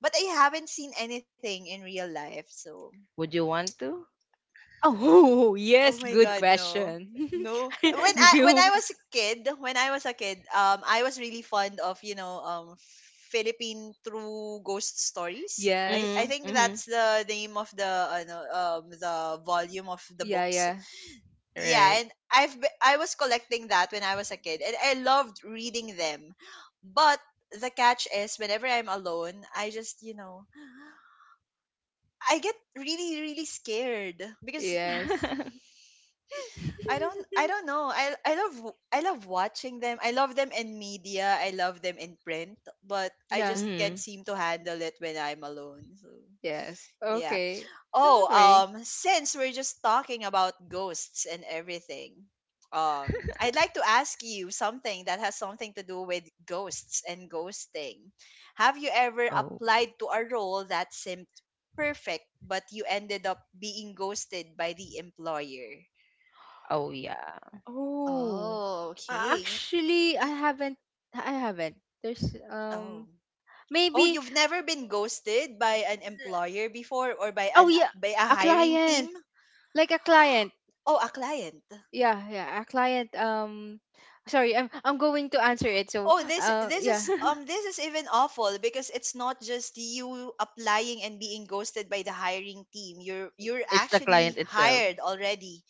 [SPEAKER 1] but I haven't seen anything in real life, so,
[SPEAKER 2] Oh.
[SPEAKER 1] oh
[SPEAKER 2] Yes,
[SPEAKER 1] my
[SPEAKER 2] good
[SPEAKER 1] God, no.
[SPEAKER 2] question.
[SPEAKER 1] No. When
[SPEAKER 2] Do
[SPEAKER 1] I, when I
[SPEAKER 2] you?
[SPEAKER 1] was a kid, when I was a kid, um I was really fond of, you know, um Philippine True Ghost Stories. I I
[SPEAKER 2] Yes.
[SPEAKER 1] think that's the name of the uh, no, um the volume of the
[SPEAKER 2] Yeah,
[SPEAKER 1] books.
[SPEAKER 2] yeah.
[SPEAKER 1] Yeah, and I've be- I was collecting that when I was a kid and I loved reading them. But the catch is whenever I'm alone, I just, you know, I get really, really scared because
[SPEAKER 2] Yes.
[SPEAKER 1] I don't I don't know. I I love, w- I love watching them. I love them in media. I love them in print, but I
[SPEAKER 2] Yeah.
[SPEAKER 1] just can't seem to handle it when I'm alone. So,
[SPEAKER 2] Yes.
[SPEAKER 1] yeah.
[SPEAKER 2] Okay. Don't
[SPEAKER 1] Oh,
[SPEAKER 2] worry.
[SPEAKER 1] um since we're just talking about ghosts and everything, um I'd like to ask you something that has something to do with ghosts and ghosting. Have you ever applied to a role that seemed perfect, but you ended up being ghosted by the employer?
[SPEAKER 2] Oh.
[SPEAKER 1] Oh,
[SPEAKER 2] Uh,
[SPEAKER 1] okay. Y-
[SPEAKER 2] Actually, I
[SPEAKER 1] y-
[SPEAKER 2] haven't I haven't. There's
[SPEAKER 1] Oh.
[SPEAKER 2] um
[SPEAKER 1] Oh,
[SPEAKER 2] maybe.
[SPEAKER 1] you've never been ghosted by an employer before, or by
[SPEAKER 2] Oh
[SPEAKER 1] an,
[SPEAKER 2] yeah,
[SPEAKER 1] by a
[SPEAKER 2] a
[SPEAKER 1] hiring
[SPEAKER 2] client.
[SPEAKER 1] team?
[SPEAKER 2] Like a client.
[SPEAKER 1] Oh, a client.
[SPEAKER 2] Yeah, yeah, a client. Um sorry, i'm i'm going to answer it, so
[SPEAKER 1] Oh, this,
[SPEAKER 2] uh
[SPEAKER 1] this
[SPEAKER 2] yeah.
[SPEAKER 1] is um this is even awful because it's not just you applying and being ghosted by the hiring team. You're you're actually hired already.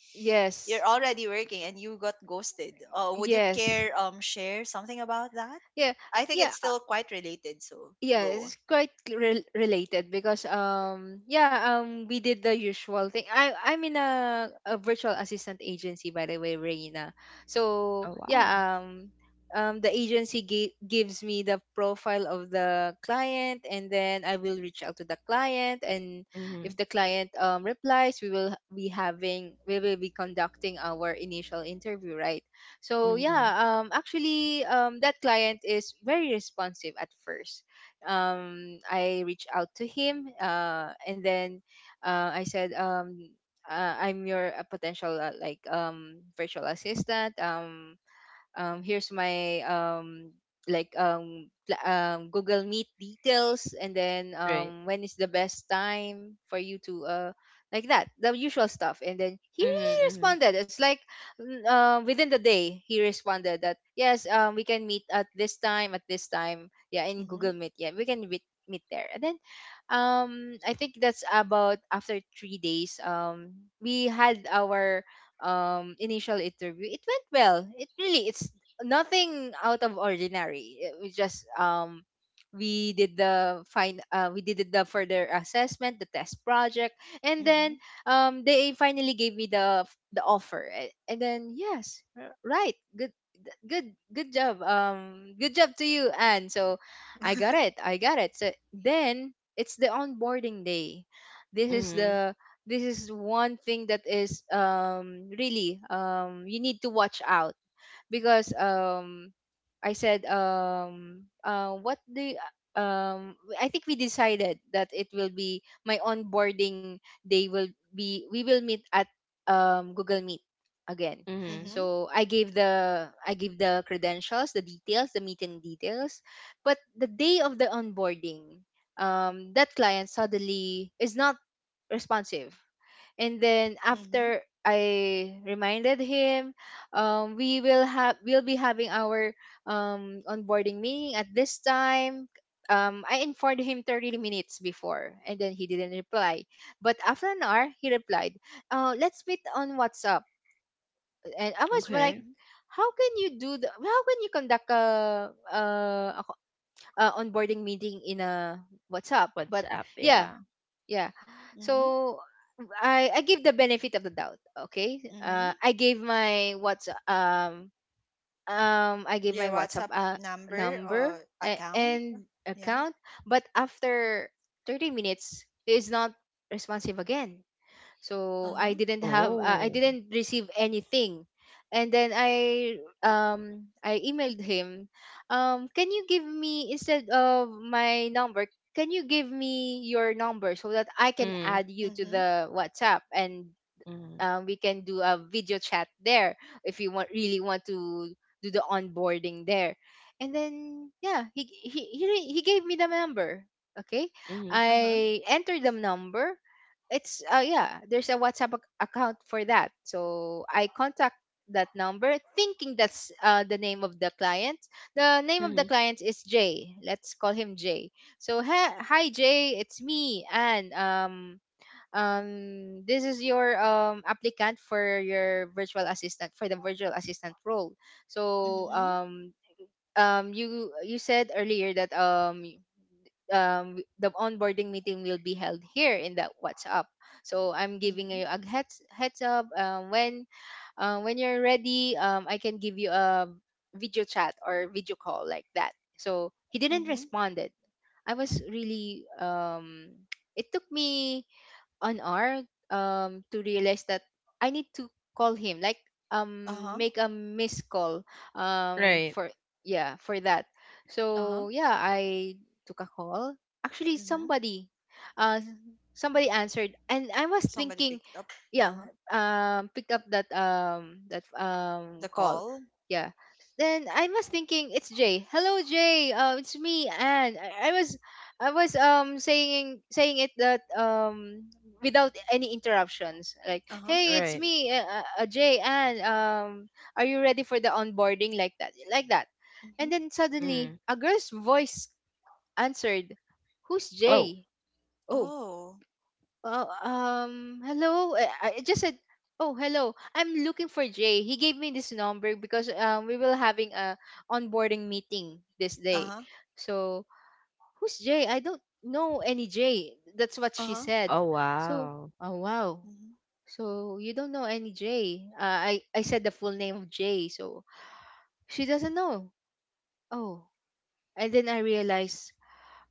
[SPEAKER 1] You're
[SPEAKER 2] Yes,
[SPEAKER 1] already working and you got ghosted. Uh, would you
[SPEAKER 2] yes,
[SPEAKER 1] care um share something about that?
[SPEAKER 2] yeah,
[SPEAKER 1] I think
[SPEAKER 2] yeah.
[SPEAKER 1] it's still quite related, so
[SPEAKER 2] Yeah,
[SPEAKER 1] go.
[SPEAKER 2] it's quite re- related because um yeah, um we did the usual thing. I i'm in a, a virtual assistant agency, by the way, Reina. So yeah, um um the agency gi- gives me the profile of the client, and then I will reach out to the client. And if the client, um replies, we will be having we will be conducting our initial interview, right? So yeah, um actually, um that client is very responsive at first. um I reached out to him, uh and then, uh I said, um uh, "I'm your uh, potential, uh, like, um virtual assistant. Um um, here's my, um, like, um, pla- um, Google Meet details. And then, um, when is the best time for you to, uh, like that," the usual stuff. And then he really responded. It's like, n- uh, within the day, he responded that yes, um, we can meet at this time, at this time, yeah, in
[SPEAKER 1] Mhm,
[SPEAKER 2] Google Meet, yeah, we can meet meet there. And then, um, I think that's about after three days. Um, we had our um initial interview. It went well. It really, it's nothing out of ordinary. It was just, um we did the fine uh, we did the further assessment, the test project. And then,
[SPEAKER 1] mhm,
[SPEAKER 2] um they finally gave me the f- the offer. A- And then yes, r- right. Good, th- good good job. Um good job to you, Anne. So I got it. I got it. So then it's the onboarding day. This is the this is one thing that is, um really, um you need to watch out. Because, um I said, um uh what the um I think we decided that it will be my onboarding day, will be, we will meet at, um Google Meet again.
[SPEAKER 1] mhm,
[SPEAKER 2] So I gave the I gave the credentials, the details, the meeting details. But the day of the onboarding, um, that client suddenly is not responsive. And then
[SPEAKER 1] mhm,
[SPEAKER 2] after I reminded him, um, we will have we'll be having our, um, onboarding meeting at this time. Um, I informed him thirty minutes before, and then he didn't reply. But after an hour, he replied, uh, "Let's meet on WhatsApp." And I was like,
[SPEAKER 1] mhm,
[SPEAKER 2] "How can you do the? How can you conduct a, a, a co- a onboarding meeting in a WhatsApp?" But yeah, yeah,
[SPEAKER 1] mhm,
[SPEAKER 2] so i i give the benefit of the doubt. Okay, uh
[SPEAKER 1] mhm.
[SPEAKER 2] i gave my WhatsApp um um I gave my
[SPEAKER 1] Your
[SPEAKER 2] WhatsApp,
[SPEAKER 1] WhatsApp
[SPEAKER 2] uh,
[SPEAKER 1] number
[SPEAKER 2] number,
[SPEAKER 1] or
[SPEAKER 2] a-
[SPEAKER 1] account?
[SPEAKER 2] and
[SPEAKER 1] Yeah.
[SPEAKER 2] account. But after thirty minutes, he is not responsive again. So
[SPEAKER 1] Uh-huh.
[SPEAKER 2] i didn't have uh, I didn't receive anything. And then, i um I emailed him, um "Can you give me, instead of my number, can you give me your number, so that I can add you to
[SPEAKER 1] Mhm.
[SPEAKER 2] the WhatsApp? And, um, we can do a video chat there, if you want really want to do the onboarding there." And then yeah, he he he, re- he gave me the number. Okay,
[SPEAKER 1] Uh-huh.
[SPEAKER 2] I entered the number. It's, uh yeah, there's a WhatsApp, ac- account for that. So I contact that number thinking that's, uh, the name of the client The name of the client is Jay. Let's call him Jay. So, "Hi, hi Jay, it's me, and, um um this is your, um applicant for your virtual assistant for the virtual assistant role. So,
[SPEAKER 1] Mhm.
[SPEAKER 2] um um you you said earlier that, um y- um w- the onboarding meeting will be held here in the WhatsApp. So I'm giving
[SPEAKER 1] Mhm.
[SPEAKER 2] you a heads heads up, um, when uh, when you're ready, um I can give you a video chat or video call, like that." So he didn't
[SPEAKER 1] Mhm.
[SPEAKER 2] responded. I was really, um it took me on art, um to realize that I need to call him, like, um
[SPEAKER 1] Uh-huh.
[SPEAKER 2] make a missed call, um for, yeah, for that.
[SPEAKER 1] Uh-huh.
[SPEAKER 2] So yeah, I took a call. Actually,
[SPEAKER 1] Mhm.
[SPEAKER 2] somebody uh somebody answered, and I was
[SPEAKER 1] Somebody
[SPEAKER 2] thinking,
[SPEAKER 1] picked up.
[SPEAKER 2] yeah,
[SPEAKER 1] Uh-huh.
[SPEAKER 2] um pick up that um that um
[SPEAKER 1] The
[SPEAKER 2] call.
[SPEAKER 1] call.
[SPEAKER 2] Yeah, then I was thinking, it's Jay. "Hello Jay, uh, it's me." And I, I was, i was um saying saying it that, um without any interruptions, like,
[SPEAKER 1] Uh-huh.
[SPEAKER 2] "Hey, it's me, uh, uh, uh, Jay, and, um are you ready for the onboarding?" Like that, like that. And
[SPEAKER 1] Mhm.
[SPEAKER 2] then suddenly a girl's voice answered, "Who's Jay?" Oh.
[SPEAKER 1] Oh.
[SPEAKER 2] Oh um, hello. eh, I, I it just said, "Oh, hello, I'm looking for Jay. He gave me this number because, um, we will having a onboarding meeting this day."
[SPEAKER 1] Uh-huh.
[SPEAKER 2] So, "Who's Jay? I don't know any Jay." That's what she
[SPEAKER 1] Uh-huh.
[SPEAKER 2] said. So, oh wow.
[SPEAKER 1] Mhm.
[SPEAKER 2] "So you don't know any Jay?" Uh, I I said the full name of Jay, so she doesn't know. Oh, and then I realized,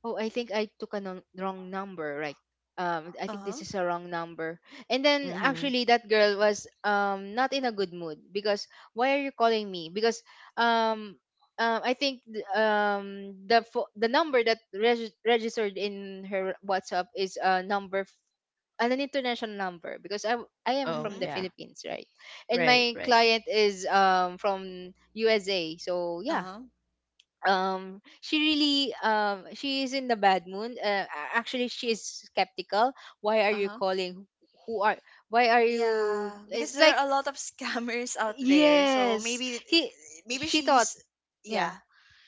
[SPEAKER 2] oh, I think I took a non- wrong number, right? Um, I think
[SPEAKER 1] Uh-huh.
[SPEAKER 2] this is a wrong number. And then actually, that girl was, um not in a good mood. Because, "Why are you calling me?" Because, um, uh, I think, th- um the fo- the number that, reg- registered in her WhatsApp is a number, f- an international number, because I w- I am from the
[SPEAKER 1] Mhm.
[SPEAKER 2] Philippines, right? And my client is, um from U S A, so yeah,
[SPEAKER 1] Uh-huh.
[SPEAKER 2] um she really, um she is in the bad mood. Uh, a- actually, she is skeptical. "Why are you
[SPEAKER 1] Uh-huh.
[SPEAKER 2] calling? Who are, why are you?"
[SPEAKER 1] Yeah, because
[SPEAKER 2] It's
[SPEAKER 1] there
[SPEAKER 2] like,
[SPEAKER 1] are a lot of scammers out there. So
[SPEAKER 2] yes,
[SPEAKER 1] maybe,
[SPEAKER 2] he
[SPEAKER 1] maybe
[SPEAKER 2] she thought,
[SPEAKER 1] she's
[SPEAKER 2] yeah,
[SPEAKER 1] yeah.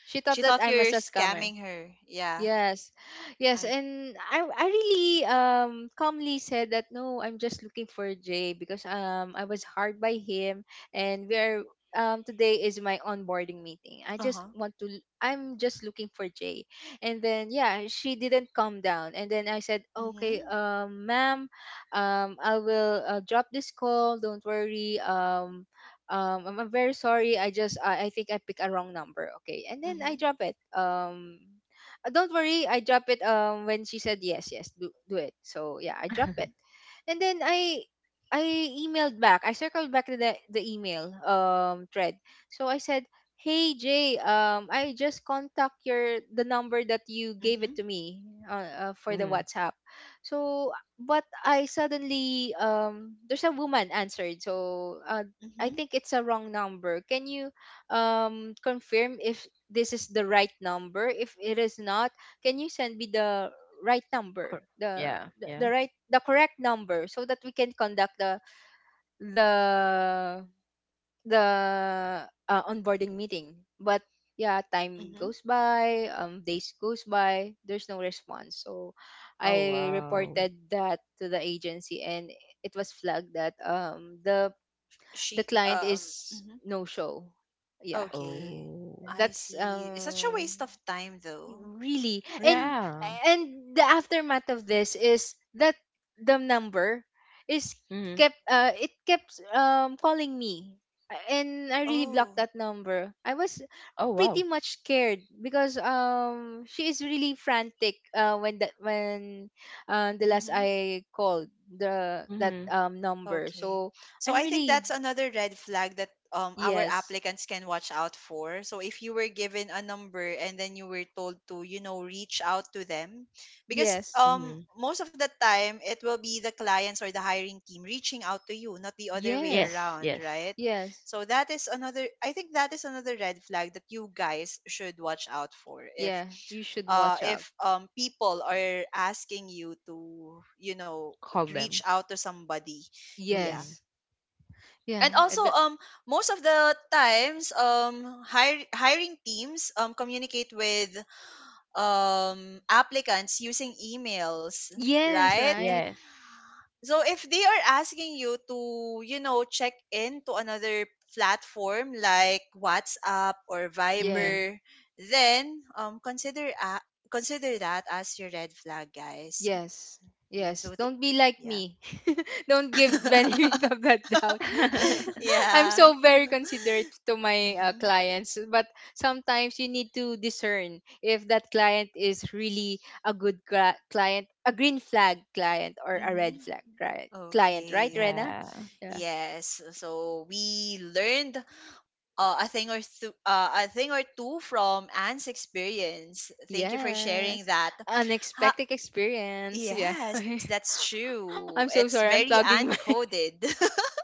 [SPEAKER 2] she thought
[SPEAKER 1] She
[SPEAKER 2] that
[SPEAKER 1] thought
[SPEAKER 2] I'm a
[SPEAKER 1] you're
[SPEAKER 2] scammer.
[SPEAKER 1] scamming her. Yeah.
[SPEAKER 2] Yes. Yes,
[SPEAKER 1] I
[SPEAKER 2] and I I really, um calmly said that, "No, I'm just looking for Jay, because, um I was hard by him, and we are, um today is my onboarding meeting. I just
[SPEAKER 1] uh-huh.
[SPEAKER 2] want to, l- I'm just looking for Jay." And then yeah, she didn't calm down. And then I said, "Okay,
[SPEAKER 1] Mhm.
[SPEAKER 2] um ma'am, um I will, uh, drop this call. Don't worry. Um um I'm, I'm very sorry. I just I, I think I picked a wrong number." Okay. And then I
[SPEAKER 1] Mhm.
[SPEAKER 2] drop it. Um uh, Don't worry, I drop it, um when she said, "Yes, yes, do do it." So yeah, I drop it.
[SPEAKER 1] Mhm.
[SPEAKER 2] And then I I emailed back. I circled back to the, the email, um thread. So I said, "Hey Jay, um I just contact your, the number that you gave it
[SPEAKER 1] Mhm.
[SPEAKER 2] to me, uh, uh, for the WhatsApp. So, but I suddenly, um there's a woman answered. So, uh, I
[SPEAKER 1] Mhm.
[SPEAKER 2] think it's a wrong number. Can you, um confirm if this is the right number, if it is not, can you send me the right number, the the, the right the correct number, so that we can conduct the the the uh, onboarding meeting." But yeah, time
[SPEAKER 1] Mhm.
[SPEAKER 2] goes by, um days goes by, there's no response. So I reported that to the agency, and it was flagged that, um the the
[SPEAKER 1] She,
[SPEAKER 2] client
[SPEAKER 1] um
[SPEAKER 2] is
[SPEAKER 1] mhm.
[SPEAKER 2] no show. Yeah,
[SPEAKER 1] Okay. I
[SPEAKER 2] that's,
[SPEAKER 1] see. It's such a
[SPEAKER 2] um
[SPEAKER 1] waste of time though.
[SPEAKER 2] really,
[SPEAKER 1] Yeah.
[SPEAKER 2] and and the aftermath of this is that the number is kept uh it kept, um calling me. And I really blocked
[SPEAKER 1] Oh.
[SPEAKER 2] that number. I was pretty much scared because, um she is really frantic, uh when that when, uh, the last
[SPEAKER 1] Mm-hmm.
[SPEAKER 2] I called the that, um number,
[SPEAKER 1] Okay.
[SPEAKER 2] so.
[SPEAKER 1] So
[SPEAKER 2] I'm
[SPEAKER 1] I think
[SPEAKER 2] really.
[SPEAKER 1] that's another red flag that um our
[SPEAKER 2] Yes,
[SPEAKER 1] applicants can watch out for. So if you were given a number and then you were told to, you know, reach out to them, because
[SPEAKER 2] yes,
[SPEAKER 1] um most of the time it will be the clients or the hiring team reaching out to you, not the other way
[SPEAKER 2] yes,
[SPEAKER 1] around, right?
[SPEAKER 2] yes,
[SPEAKER 1] So that is another, I think that is another red flag that you guys should watch out for if,
[SPEAKER 2] yeah, you should
[SPEAKER 1] uh,
[SPEAKER 2] watch out.
[SPEAKER 1] if um, people are asking you to, you know, reach out to somebody, yeah.
[SPEAKER 2] Yes. Yeah,
[SPEAKER 1] And also,
[SPEAKER 2] and
[SPEAKER 1] um, most of the times, um, hire, hiring teams um communicate with um applicants using emails,
[SPEAKER 2] yes,
[SPEAKER 1] right?
[SPEAKER 2] right?
[SPEAKER 1] So if they are asking you to, you know, check in to another platform like WhatsApp or
[SPEAKER 2] Yeah,
[SPEAKER 1] Viber, then um consider a, consider that as your red flag, guys.
[SPEAKER 2] yes,
[SPEAKER 1] Mm, so,
[SPEAKER 2] yes.
[SPEAKER 1] th-
[SPEAKER 2] Don't be like
[SPEAKER 1] yeah,
[SPEAKER 2] me. Don't give benefit of that doubt. I'm
[SPEAKER 1] yeah.
[SPEAKER 2] so very considerate to my, uh,
[SPEAKER 1] Mm-hmm.
[SPEAKER 2] clients, but sometimes you need to discern if that client is really a good, cli- client, a green flag client, or a
[SPEAKER 1] Mm-hmm.
[SPEAKER 2] red flag client. Client, right,
[SPEAKER 1] Okay.
[SPEAKER 2] Rena? Yeah.
[SPEAKER 1] Yes. So we learned uh, a thing or two, uh, a thing or two from Anne's experience. Thank you for sharing
[SPEAKER 2] Yes.
[SPEAKER 1] that. Ha-
[SPEAKER 2] Unexpected experience. Yeah.
[SPEAKER 1] yes, that's true.
[SPEAKER 2] I'm
[SPEAKER 1] It's
[SPEAKER 2] so sorry.
[SPEAKER 1] very
[SPEAKER 2] I'm plugging my.
[SPEAKER 1] uncoded.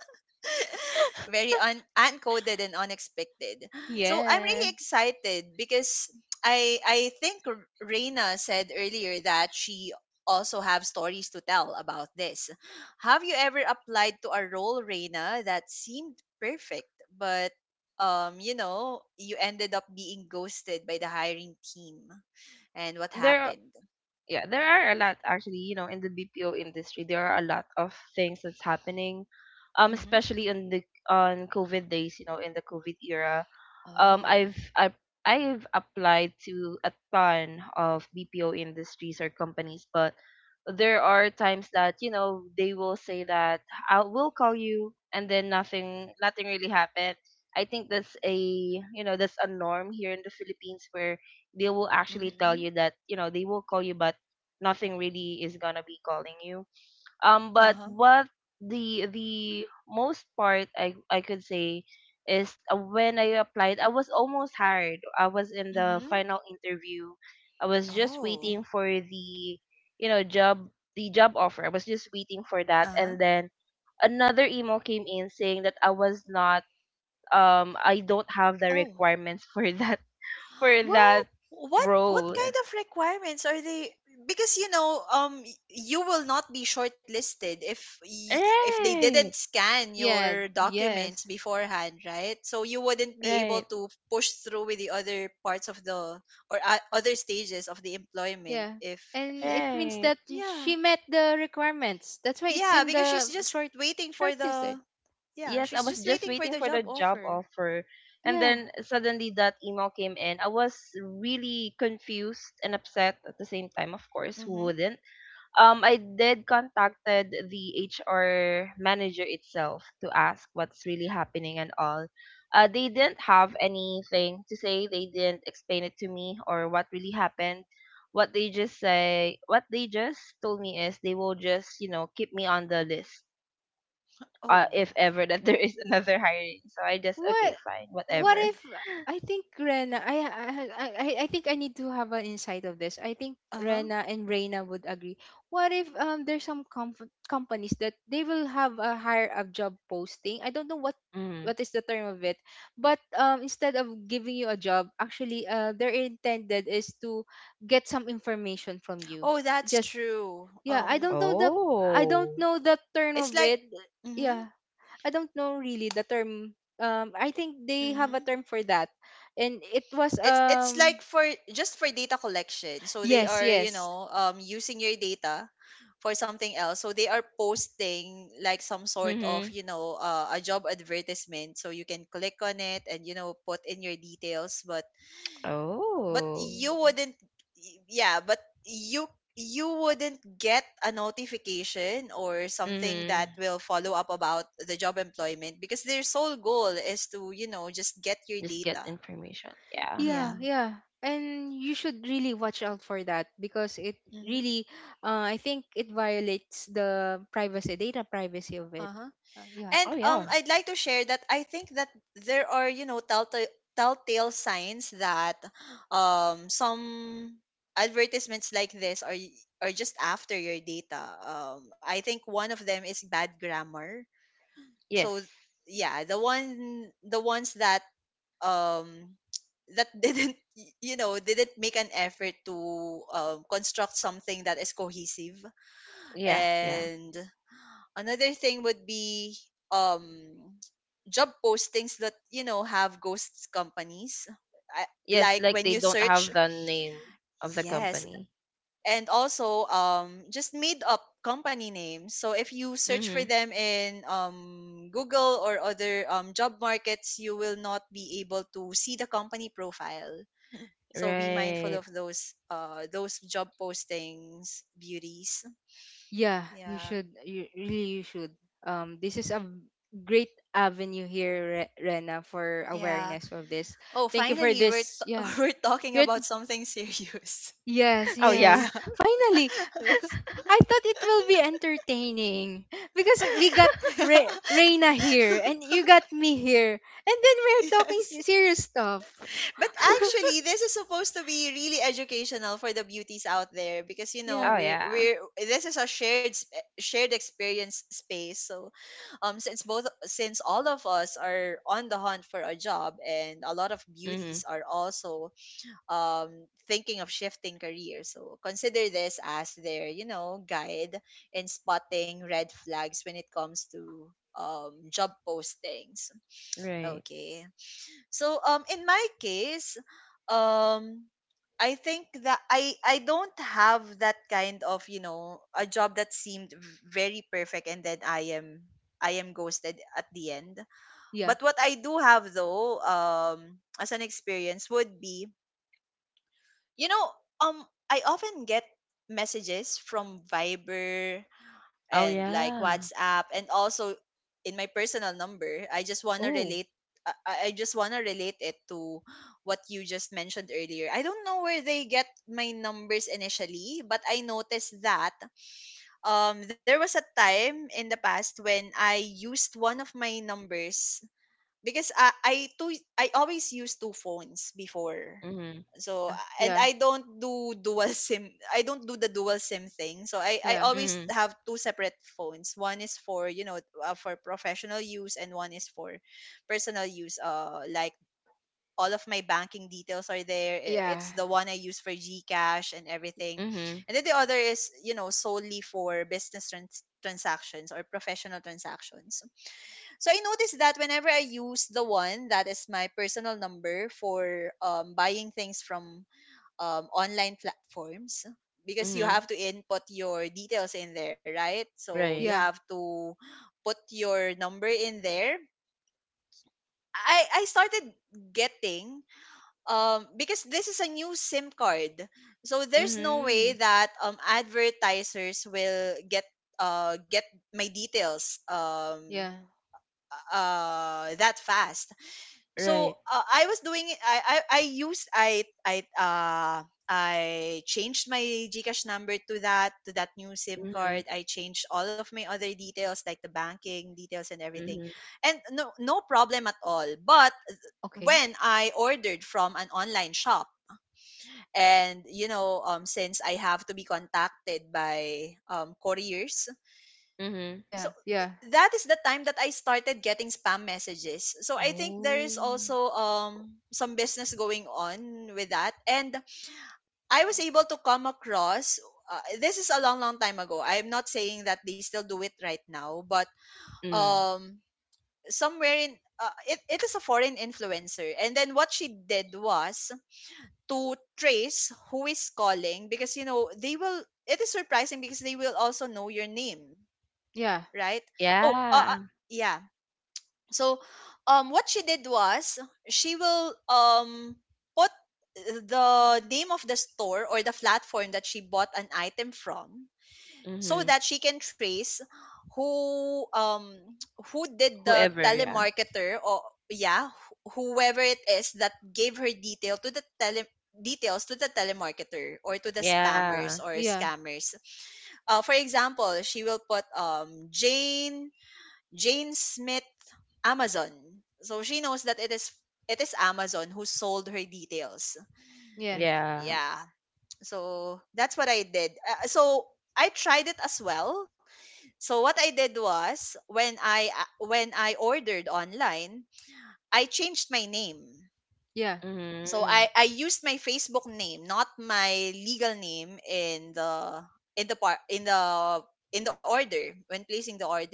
[SPEAKER 1] very un- uncoded and unexpected. So I'm really
[SPEAKER 2] Yeah.
[SPEAKER 1] excited because I I think R- Reina said earlier that she also have stories to tell about this. Have you ever applied to a role, Reina, that seemed perfect, but um, you know, you ended up being ghosted by the hiring team, and what happened? Hmm. Oh. Mm-hmm. Uh huh. Mm-hmm.
[SPEAKER 2] Oh,
[SPEAKER 1] Oh. Uh huh. Oh.
[SPEAKER 2] what?
[SPEAKER 1] what, what kind of requirements are they? Because, you know, um y- you will not be shortlisted if, y- if they didn't scan
[SPEAKER 2] Yeah,
[SPEAKER 1] your documents
[SPEAKER 2] yes.
[SPEAKER 1] beforehand, right? So you wouldn't be able to push through with the other parts of the, or uh, other stages of the employment
[SPEAKER 2] Yeah.
[SPEAKER 1] if,
[SPEAKER 2] And it means that
[SPEAKER 1] yeah,
[SPEAKER 2] she met the requirements. That's why it's
[SPEAKER 1] yeah,
[SPEAKER 2] in
[SPEAKER 1] because she's
[SPEAKER 2] the
[SPEAKER 1] just
[SPEAKER 2] short
[SPEAKER 1] waiting for
[SPEAKER 2] shortlisted.
[SPEAKER 1] the, yeah, she's just waiting for the job offer.
[SPEAKER 2] Yeah.
[SPEAKER 1] Mm-hmm. Oh.
[SPEAKER 2] What? What
[SPEAKER 1] Oh.
[SPEAKER 2] if, I think Rena, I I I I I think I need to have an insight of this. I think
[SPEAKER 1] Uh-huh.
[SPEAKER 2] Rena and Reina would agree. What if, um there's some, comf- companies that they will have a higher of job posting. I don't know what, what is the term of it. But, um instead of giving you a job, actually, uh their intended is to get some information from you.
[SPEAKER 1] Oh, that's
[SPEAKER 2] Just,
[SPEAKER 1] true.
[SPEAKER 2] yeah,
[SPEAKER 1] Um
[SPEAKER 2] I don't know the I don't know the term
[SPEAKER 1] it's
[SPEAKER 2] of
[SPEAKER 1] like,
[SPEAKER 2] it.
[SPEAKER 1] mhm.
[SPEAKER 2] Yeah, I don't know really the term. Um, I think they have a
[SPEAKER 1] Mm-hmm.
[SPEAKER 2] term for that, and it was,
[SPEAKER 1] It's it's like
[SPEAKER 2] um,
[SPEAKER 1] for just for data collection. So they
[SPEAKER 2] yes,
[SPEAKER 1] are, you
[SPEAKER 2] yes,
[SPEAKER 1] know, um using your data for something else. So they are posting like some sort of, you know, uh, a job advertisement so you can click on it and, you know, put in your details, but, but you wouldn't, yeah, but you you wouldn't get a notification or something that will follow up about the job employment because their sole goal is to, you know, just get your data. Yeah.
[SPEAKER 2] yeah, yeah. And you should really watch out for that, because it
[SPEAKER 1] Mhm.
[SPEAKER 2] really, uh, I think it violates the privacy, data privacy of it.
[SPEAKER 1] Uh-huh.
[SPEAKER 2] Uh, yeah,
[SPEAKER 1] And um I'd like to share that I think that there are, you know, telltale, telltale signs that um some advertisements like this are, y- are just after your data. Um I think one of them is bad grammar. So yeah, the one the ones that um that didn't y- you know, didn't make an effort to um, construct something that is cohesive, and another thing would be um job postings that, you know, have ghost companies. I, like when you search, yes, and also um just made up company names. So if you search for them in um Google or other um job markets, you will not be able to see the company profile. So be mindful of those uh those job postings, beauties.
[SPEAKER 2] yeah, you
[SPEAKER 1] Yeah.
[SPEAKER 2] should, you really, you should. Um, this is a, v- great avenue here, Re- Rena, for
[SPEAKER 1] Yeah.
[SPEAKER 2] awareness of this.
[SPEAKER 1] Oh,
[SPEAKER 2] Thank you for
[SPEAKER 1] finally, we're
[SPEAKER 2] this.
[SPEAKER 1] t-
[SPEAKER 2] Yeah,
[SPEAKER 1] we're talking
[SPEAKER 2] you're.
[SPEAKER 1] about something serious.
[SPEAKER 2] Yes, yes.
[SPEAKER 1] yeah.
[SPEAKER 2] Finally, it's, I thought it will be entertaining because we got,
[SPEAKER 1] Yeah.
[SPEAKER 2] Re- Reina here, and you got me here. And then we're talking,
[SPEAKER 1] Yes.
[SPEAKER 2] s- serious stuff.
[SPEAKER 1] But actually, this is supposed to be really educational for the beauties out there because, you know,
[SPEAKER 2] Yeah.
[SPEAKER 1] we're we're this is a shared sp- shared experience space. So, um, since both since all of us are on the hunt for a job and a lot of beauties are also um, thinking of shifting careers. So consider this as their, you know, guide in spotting red flags when it comes to um, job postings. Okay. So um, in my case, um, I think that I I don't have that kind of, you know a job that seemed v- very perfect, and then I am I am ghosted at the end.
[SPEAKER 2] Yeah.
[SPEAKER 1] But what I do have though um as an experience would be, you know, um, I often get messages from Viber and like WhatsApp, and also in my personal number. I just wanna
[SPEAKER 2] Oh.
[SPEAKER 1] relate. I, I I just wanna relate it to what you just mentioned earlier. I don't know where they get my numbers initially, but I noticed that um there was a time in the past when I used one of my numbers, because I I two I always use two phones before. So,
[SPEAKER 2] Yeah.
[SPEAKER 1] and
[SPEAKER 2] Yeah.
[SPEAKER 1] I don't do dual SIM. I don't do the dual SIM thing. So I I
[SPEAKER 2] Yeah.
[SPEAKER 1] always have two separate phones. One is for, you know uh, for professional use, and one is for personal use. Uh, like, all of my banking details are there. I-
[SPEAKER 2] Yeah.
[SPEAKER 1] It's the one I use for GCash and everything. And then the other is, you know, solely for business trans- transactions or professional transactions. So I noticed that whenever I use the one that is my personal number for um, buying things from um, online platforms, because you have to input your details in there, right? So you have
[SPEAKER 2] Yeah.
[SPEAKER 1] to put your number in there. I, I started getting, um because this is a new SIM card, so there's no way that um advertisers will get uh get my details um
[SPEAKER 2] Yeah.
[SPEAKER 1] uh that fast. So uh, I was doing it. I I I used I I uh I changed my GCash number to that to that new SIM card. I changed all of my other details like the banking details and everything, and no no problem at all. But
[SPEAKER 2] Okay.
[SPEAKER 1] when I ordered from an online shop, and, you know, um since I have to be contacted by um couriers, so
[SPEAKER 2] Yeah. Yeah.
[SPEAKER 1] that is the time that I started getting spam messages. So I think there is
[SPEAKER 2] Oh.
[SPEAKER 1] also um some business going on with that. And I was able to come across, uh, this is a long long time ago. I'm not saying that they still do it right now, but, um somewhere in, uh, it, it is a foreign influencer, and then what she did was to trace who is calling, because, you know, they will, it is surprising because they will also know your name,
[SPEAKER 2] Yeah.
[SPEAKER 1] right? oh uh, uh, yeah. So um what she did was, she will um put, uh, the name of the store or the platform that she bought an item from, so that she can trace who, um who did the telemarketer, or, yeah, wh- whoever it is that gave her detail to the tele details to the telemarketer or to the spammers or
[SPEAKER 2] Yeah.
[SPEAKER 1] scammers. Uh, for example, she will put, um jane Jane Smith, Amazon. So she knows that it is it is Amazon who sold her details.
[SPEAKER 2] Yeah.
[SPEAKER 1] Yeah. So that's what I did. Uh, so I tried it as well. So what I did was, when I uh, when I ordered online, I changed my name.
[SPEAKER 2] Yeah.
[SPEAKER 1] So I I used my Facebook name, not my legal name, in the in the part in the in the order when placing the order.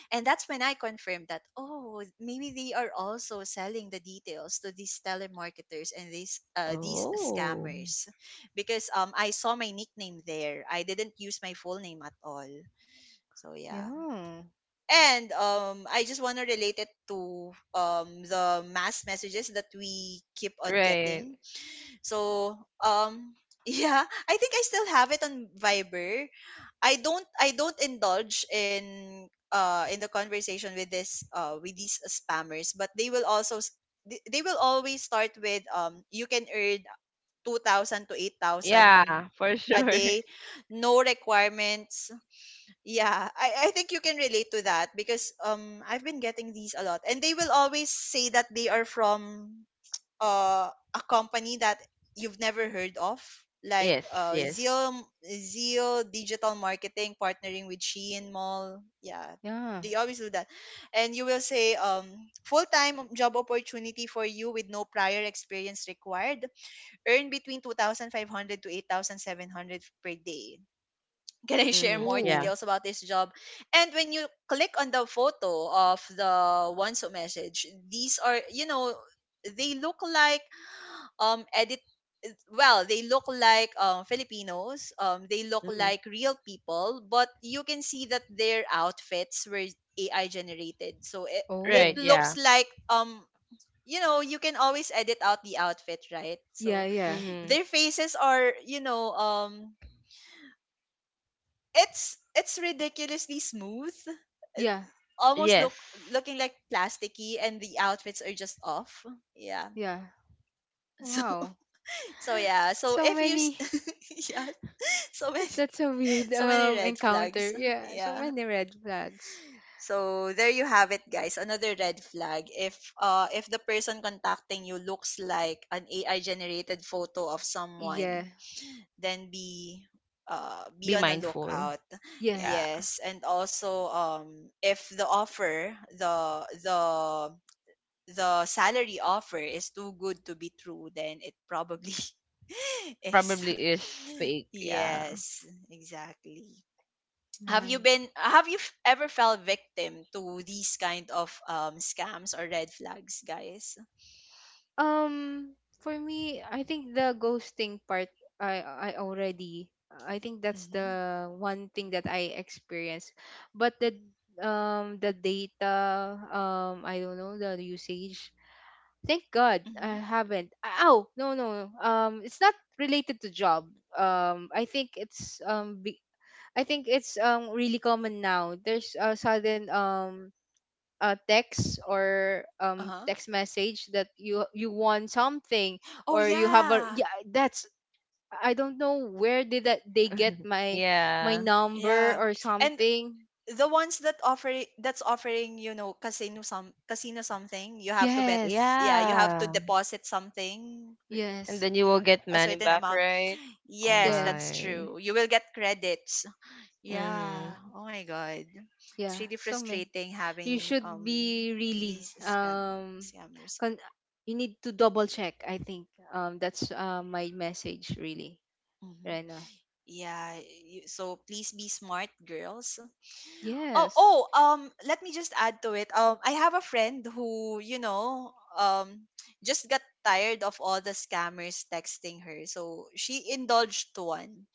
[SPEAKER 1] And that's when I confirmed that, oh, maybe they are also selling the details to these telemarketers and these uh, these scammers, because um I saw my nickname there. I didn't use my full name at all. So yeah.
[SPEAKER 2] Yeah.
[SPEAKER 1] And um I just want to relate it to um the mass messages that we keep on getting. So, um, yeah, I think I still have it on Viber. I don't I don't indulge in, uh in the conversation with this uh with these spammers, but they will also s- they they will always start with, um you can earn two thousand to eight thousand a day, no requirements. Yeah, I, I think you can relate to that, because um I've been getting these a lot, and they will always say that they are from, uh, a company that you've never heard of, like, uh, Zeal Zeal Digital Marketing, partnering with Shein Mall. Yeah,
[SPEAKER 2] Yeah.
[SPEAKER 1] they always do that. And you will say, um, full time job opportunity for you with no prior experience required. Earn between two thousand five hundred to eight thousand seven hundred per day. Can I share more
[SPEAKER 2] Oh.
[SPEAKER 1] details about this job? And when you click on the photo of the ones who message, these are, you know, they look like, um edit well, they look like, um, Filipinos, um, they look like real people, but you can see that their outfits were A I generated. So it, it
[SPEAKER 2] Oh.
[SPEAKER 1] looks like, um you know, you can always edit out the outfit, right?
[SPEAKER 2] Yeah,
[SPEAKER 1] So
[SPEAKER 2] yeah.
[SPEAKER 1] their faces are, you know, um it's it's ridiculously smooth, uh,
[SPEAKER 2] Yeah.
[SPEAKER 1] almost look looking like plasticky, and the outfits are just off. Yeah.
[SPEAKER 2] Yeah.
[SPEAKER 1] so
[SPEAKER 2] Wow.
[SPEAKER 1] so yeah. So
[SPEAKER 2] So
[SPEAKER 1] if you s-
[SPEAKER 2] many.
[SPEAKER 1] yeah, so many
[SPEAKER 2] That's a weird,
[SPEAKER 1] so many
[SPEAKER 2] um
[SPEAKER 1] red
[SPEAKER 2] encounter.
[SPEAKER 1] flags.
[SPEAKER 2] Yeah, so
[SPEAKER 1] Yeah.
[SPEAKER 2] many red flags.
[SPEAKER 1] So there you have it, guys, another red flag: if uh if the person contacting you looks like an A I generated photo of someone,
[SPEAKER 2] Yeah.
[SPEAKER 1] then be uh be on a lookout.
[SPEAKER 2] Yes.
[SPEAKER 1] Yes. And also, um if the offer, the the the salary offer is too good to be true, then it probably is. Yes, exactly. have you
[SPEAKER 2] Nice.
[SPEAKER 1] been have you f- ever fell victim to these kind of um scams or red flags, guys?
[SPEAKER 2] Um, for me, I think the ghosting part, I I already, I think that's
[SPEAKER 1] Mm-hmm.
[SPEAKER 2] the one thing that I experienced. But the, um the data, um I don't know the usage. Thank God I
[SPEAKER 1] Mm-hmm.
[SPEAKER 2] haven't. Ah, Oh, no, no. No. Um it's not related to job. Um I think it's, um be- I think it's um really common now. There's a sudden, um a text, or, um
[SPEAKER 1] Uh-huh.
[SPEAKER 2] text message, that you you want something, or
[SPEAKER 1] Oh,
[SPEAKER 2] you have a, yeah,
[SPEAKER 1] yeah.
[SPEAKER 2] that's, I don't know where did that they get my, my number or
[SPEAKER 1] Yeah. And
[SPEAKER 2] something.
[SPEAKER 1] the ones that offering that's offering, you know, casino, some casino something, you have to bet.
[SPEAKER 2] Yes.
[SPEAKER 1] Yeah, you have to deposit something. re-
[SPEAKER 2] Yes.
[SPEAKER 1] Yeah. A certain amount. Yes, that's
[SPEAKER 2] Yes.
[SPEAKER 1] true. You will get credits. Yeah. Oh my god. It's
[SPEAKER 2] Yeah.
[SPEAKER 1] really
[SPEAKER 2] So man,
[SPEAKER 1] frustrating
[SPEAKER 2] you
[SPEAKER 1] having
[SPEAKER 2] should
[SPEAKER 1] um
[SPEAKER 2] be really,
[SPEAKER 1] these scam
[SPEAKER 2] um
[SPEAKER 1] scammers.
[SPEAKER 2] con- you need to double check, I think. Um that's, uh, my message really,
[SPEAKER 1] Mm-hmm.
[SPEAKER 2] Rena.
[SPEAKER 1] Yeah, you, so please be smart, girls. Oh,
[SPEAKER 2] Yes.
[SPEAKER 1] oh, um, let me just add to it. Um, I have a friend who, you know, um, just got tired of all the scammers texting her, so she indulged to one.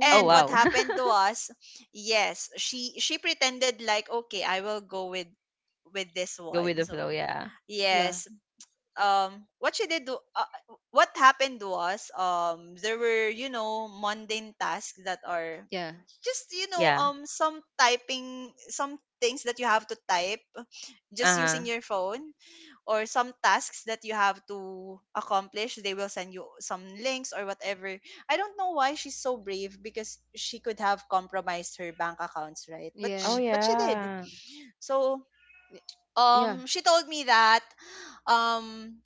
[SPEAKER 1] And what happened to us? Yes, she she pretended like, okay, I will go with with this one. So
[SPEAKER 2] yeah,
[SPEAKER 1] yes, um, what she did do, uh, what happened was, um, there were, you know, mundane tasks that are
[SPEAKER 2] yeah,
[SPEAKER 1] just, you know, um some typing, some things that you have to type just using your phone, or some tasks that you have to accomplish. They will send you some links or whatever. I don't know why she's so brave, because she could have compromised her bank accounts, right? But she,
[SPEAKER 2] yes,
[SPEAKER 1] but she did. So
[SPEAKER 2] y- yeah.
[SPEAKER 1] um she told me that, um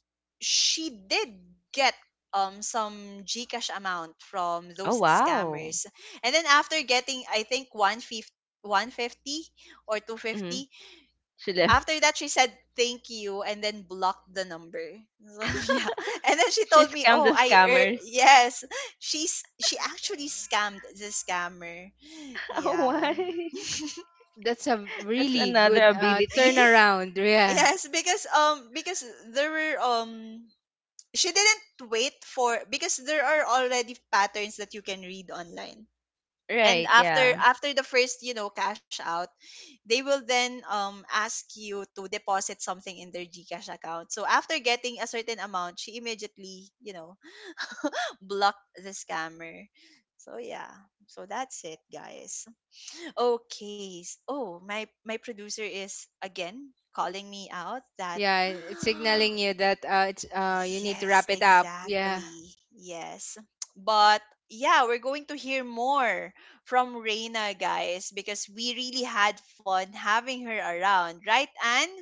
[SPEAKER 1] she did get, um some GCash amount from those scammers. And then after getting, I think, one fifty, one fifty or two fifty, after that she said thank you and then blocked the number. So yeah. And then she told me, oh, I er- yes, she's she actually scammed the scammer. Yeah.
[SPEAKER 2] That's a really good, uh, turnaround. Yeah,
[SPEAKER 1] Yes, because, um because there were, um she didn't wait for, because there are already patterns that you can read online. And after after the first, you know, cash out, they will then um ask you to deposit something in their GCash account. So after getting a certain amount, she immediately, you know, blocked the scammer. So yeah. So that's it, guys. Okay s- oh, my my producer is again calling me out that.
[SPEAKER 2] yeah. It's signaling you that, uh, it's, uh, you need to
[SPEAKER 1] Yes,
[SPEAKER 2] wrap it up. Yeah.
[SPEAKER 1] exactly. Yes. But yeah, we're going to hear more from Reina, guys, because we really had fun having her around, right, Anne?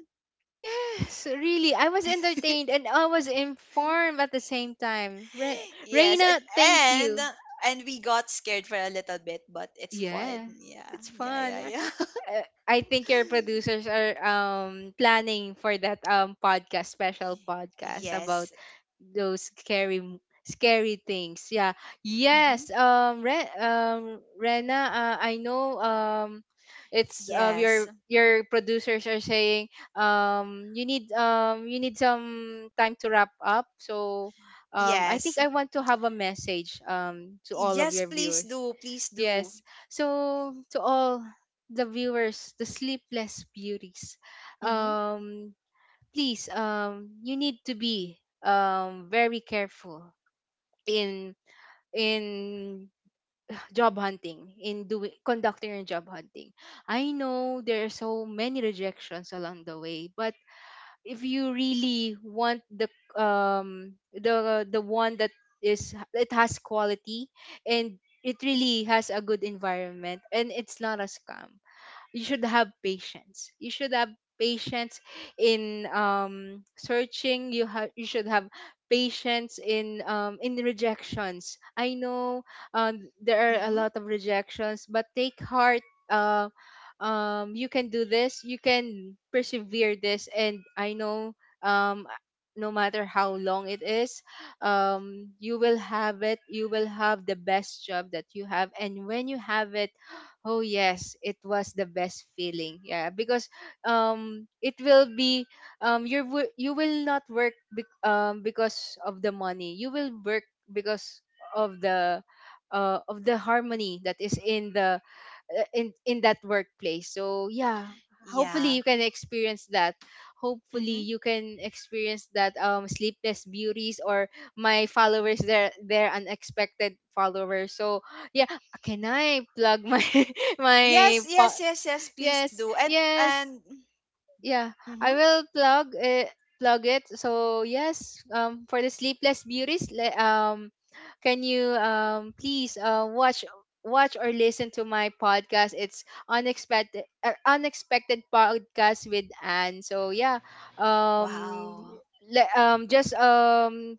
[SPEAKER 2] Yes, really. I was entertained and I was informed at the same time. Re-
[SPEAKER 1] Yes, and
[SPEAKER 2] Reina, thank
[SPEAKER 1] and
[SPEAKER 2] you.
[SPEAKER 1] and we got scared for a little bit, but it's fun.
[SPEAKER 2] Yeah,
[SPEAKER 1] Yeah,
[SPEAKER 2] it's
[SPEAKER 1] yeah,
[SPEAKER 2] fun.
[SPEAKER 1] yeah, yeah.
[SPEAKER 2] uh, I think your producers are, um planning for that, um podcast, special podcast, about
[SPEAKER 1] Yes.
[SPEAKER 2] those scary, m- scary things. Yeah.
[SPEAKER 1] Mm-hmm.
[SPEAKER 2] Yes. Um. Re- um. Rena. Uh, I know. Um. It's, uh,
[SPEAKER 1] Yes.
[SPEAKER 2] your your producers are saying, um you need, um you need some time to wrap up. So, um I
[SPEAKER 1] Yes.
[SPEAKER 2] think I want to have a message, um to all of
[SPEAKER 1] Yes,
[SPEAKER 2] your
[SPEAKER 1] please
[SPEAKER 2] viewers.
[SPEAKER 1] do. Please do.
[SPEAKER 2] Yes. So to all the viewers, the sleepless beauties,
[SPEAKER 1] Mm-hmm.
[SPEAKER 2] um, please, um, you need to be, um very careful in, in job hunting, in doing conducting your job hunting. I know there are so many rejections along the way, but if you really want the, um the the one that is, it has quality, and it really has a good environment, and it's not a scam, you should have patience. You should have patience in, um searching. You have you should have patience in, um in the rejections. I know, um there are a
[SPEAKER 1] Mm-hmm.
[SPEAKER 2] lot of rejections, but take heart. uh um you can do this, you can persevere this. And I know, um no matter how long it is, um you will have it, you will have the best job that you have. And when you have it, oh yes, it was the best feeling. Yeah, because, um it will be, um you wi- you will not work, bec- um because of the money. You will work because of the uh of the harmony that is in, the uh, in in that workplace, so yeah.
[SPEAKER 1] Yeah.
[SPEAKER 2] Hopefully you can experience that,
[SPEAKER 1] Mm-hmm.
[SPEAKER 2] hopefully you can experience that, um sleepless beauties, or my followers, their their unexpected followers, so yeah. Can I plug my my
[SPEAKER 1] Yes,
[SPEAKER 2] po-
[SPEAKER 1] yes, yes, yes, please
[SPEAKER 2] yes,
[SPEAKER 1] do. And
[SPEAKER 2] yes,
[SPEAKER 1] and
[SPEAKER 2] yeah, I
[SPEAKER 1] mhm.
[SPEAKER 2] will plug it, plug it. So yes, um for the sleepless beauties, le- um can you, um please, uh, watch watch or listen to my podcast. It's Unexpected, uh, unexpected Podcast with Anne. So yeah, um
[SPEAKER 1] Wow.
[SPEAKER 2] le- um just um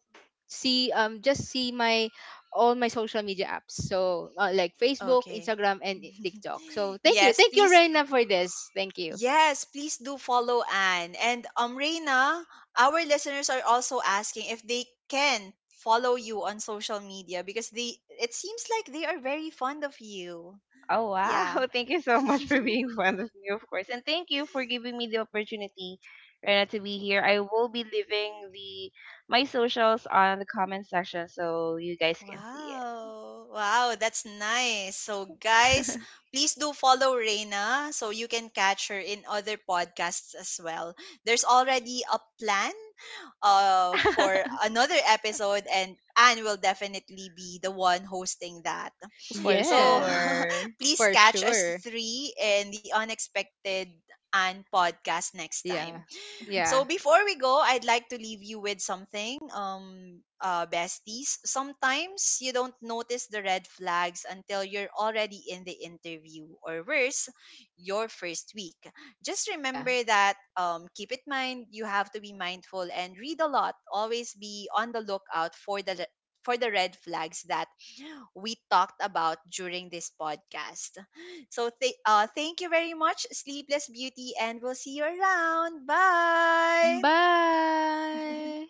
[SPEAKER 2] see um just see my, all my social media apps. So, uh, like Facebook,
[SPEAKER 1] Okay.
[SPEAKER 2] Instagram, and TikTok. So thank you,
[SPEAKER 1] Yes,
[SPEAKER 2] thank you,
[SPEAKER 1] please.
[SPEAKER 2] Reina, for this. Thank you.
[SPEAKER 1] Yes, please do follow Anne. And um Reina, our listeners are also asking if they can follow you on social media because they it seems like they are very fond of you.
[SPEAKER 3] Oh
[SPEAKER 1] Yeah.
[SPEAKER 3] wow! Thank you so much for being fond of me, of course, and thank you for giving me the opportunity, Rena, to be here. I will be leaving the my socials on the comment section so you guys can see
[SPEAKER 1] Wow. Wow, that's nice. So guys,
[SPEAKER 3] it
[SPEAKER 1] please do follow Reina so you can catch her in other podcasts as well. There's already a plan, uh for another episode, and Anne will definitely be the one hosting that.
[SPEAKER 3] for
[SPEAKER 1] So,
[SPEAKER 2] Yes,
[SPEAKER 3] sure.
[SPEAKER 1] please
[SPEAKER 2] for
[SPEAKER 1] catch us
[SPEAKER 2] sure.
[SPEAKER 1] three in the Unexpected Anne podcast next time.
[SPEAKER 2] Yeah.
[SPEAKER 1] So
[SPEAKER 2] Yeah.
[SPEAKER 1] before we go, I'd like to leave you with something, um, uh, besties. Sometimes you don't notice the red flags until you're already in the interview, or worse, your first week. Just
[SPEAKER 2] Yeah.
[SPEAKER 1] remember that. Um, keep in mind, you have to be mindful and read a lot. Always be on the lookout for the le- for the red flags that we talked about during this podcast. So th- uh, thank you very much, Sleepless Beauty, and we'll see you around. Bye.
[SPEAKER 2] Bye.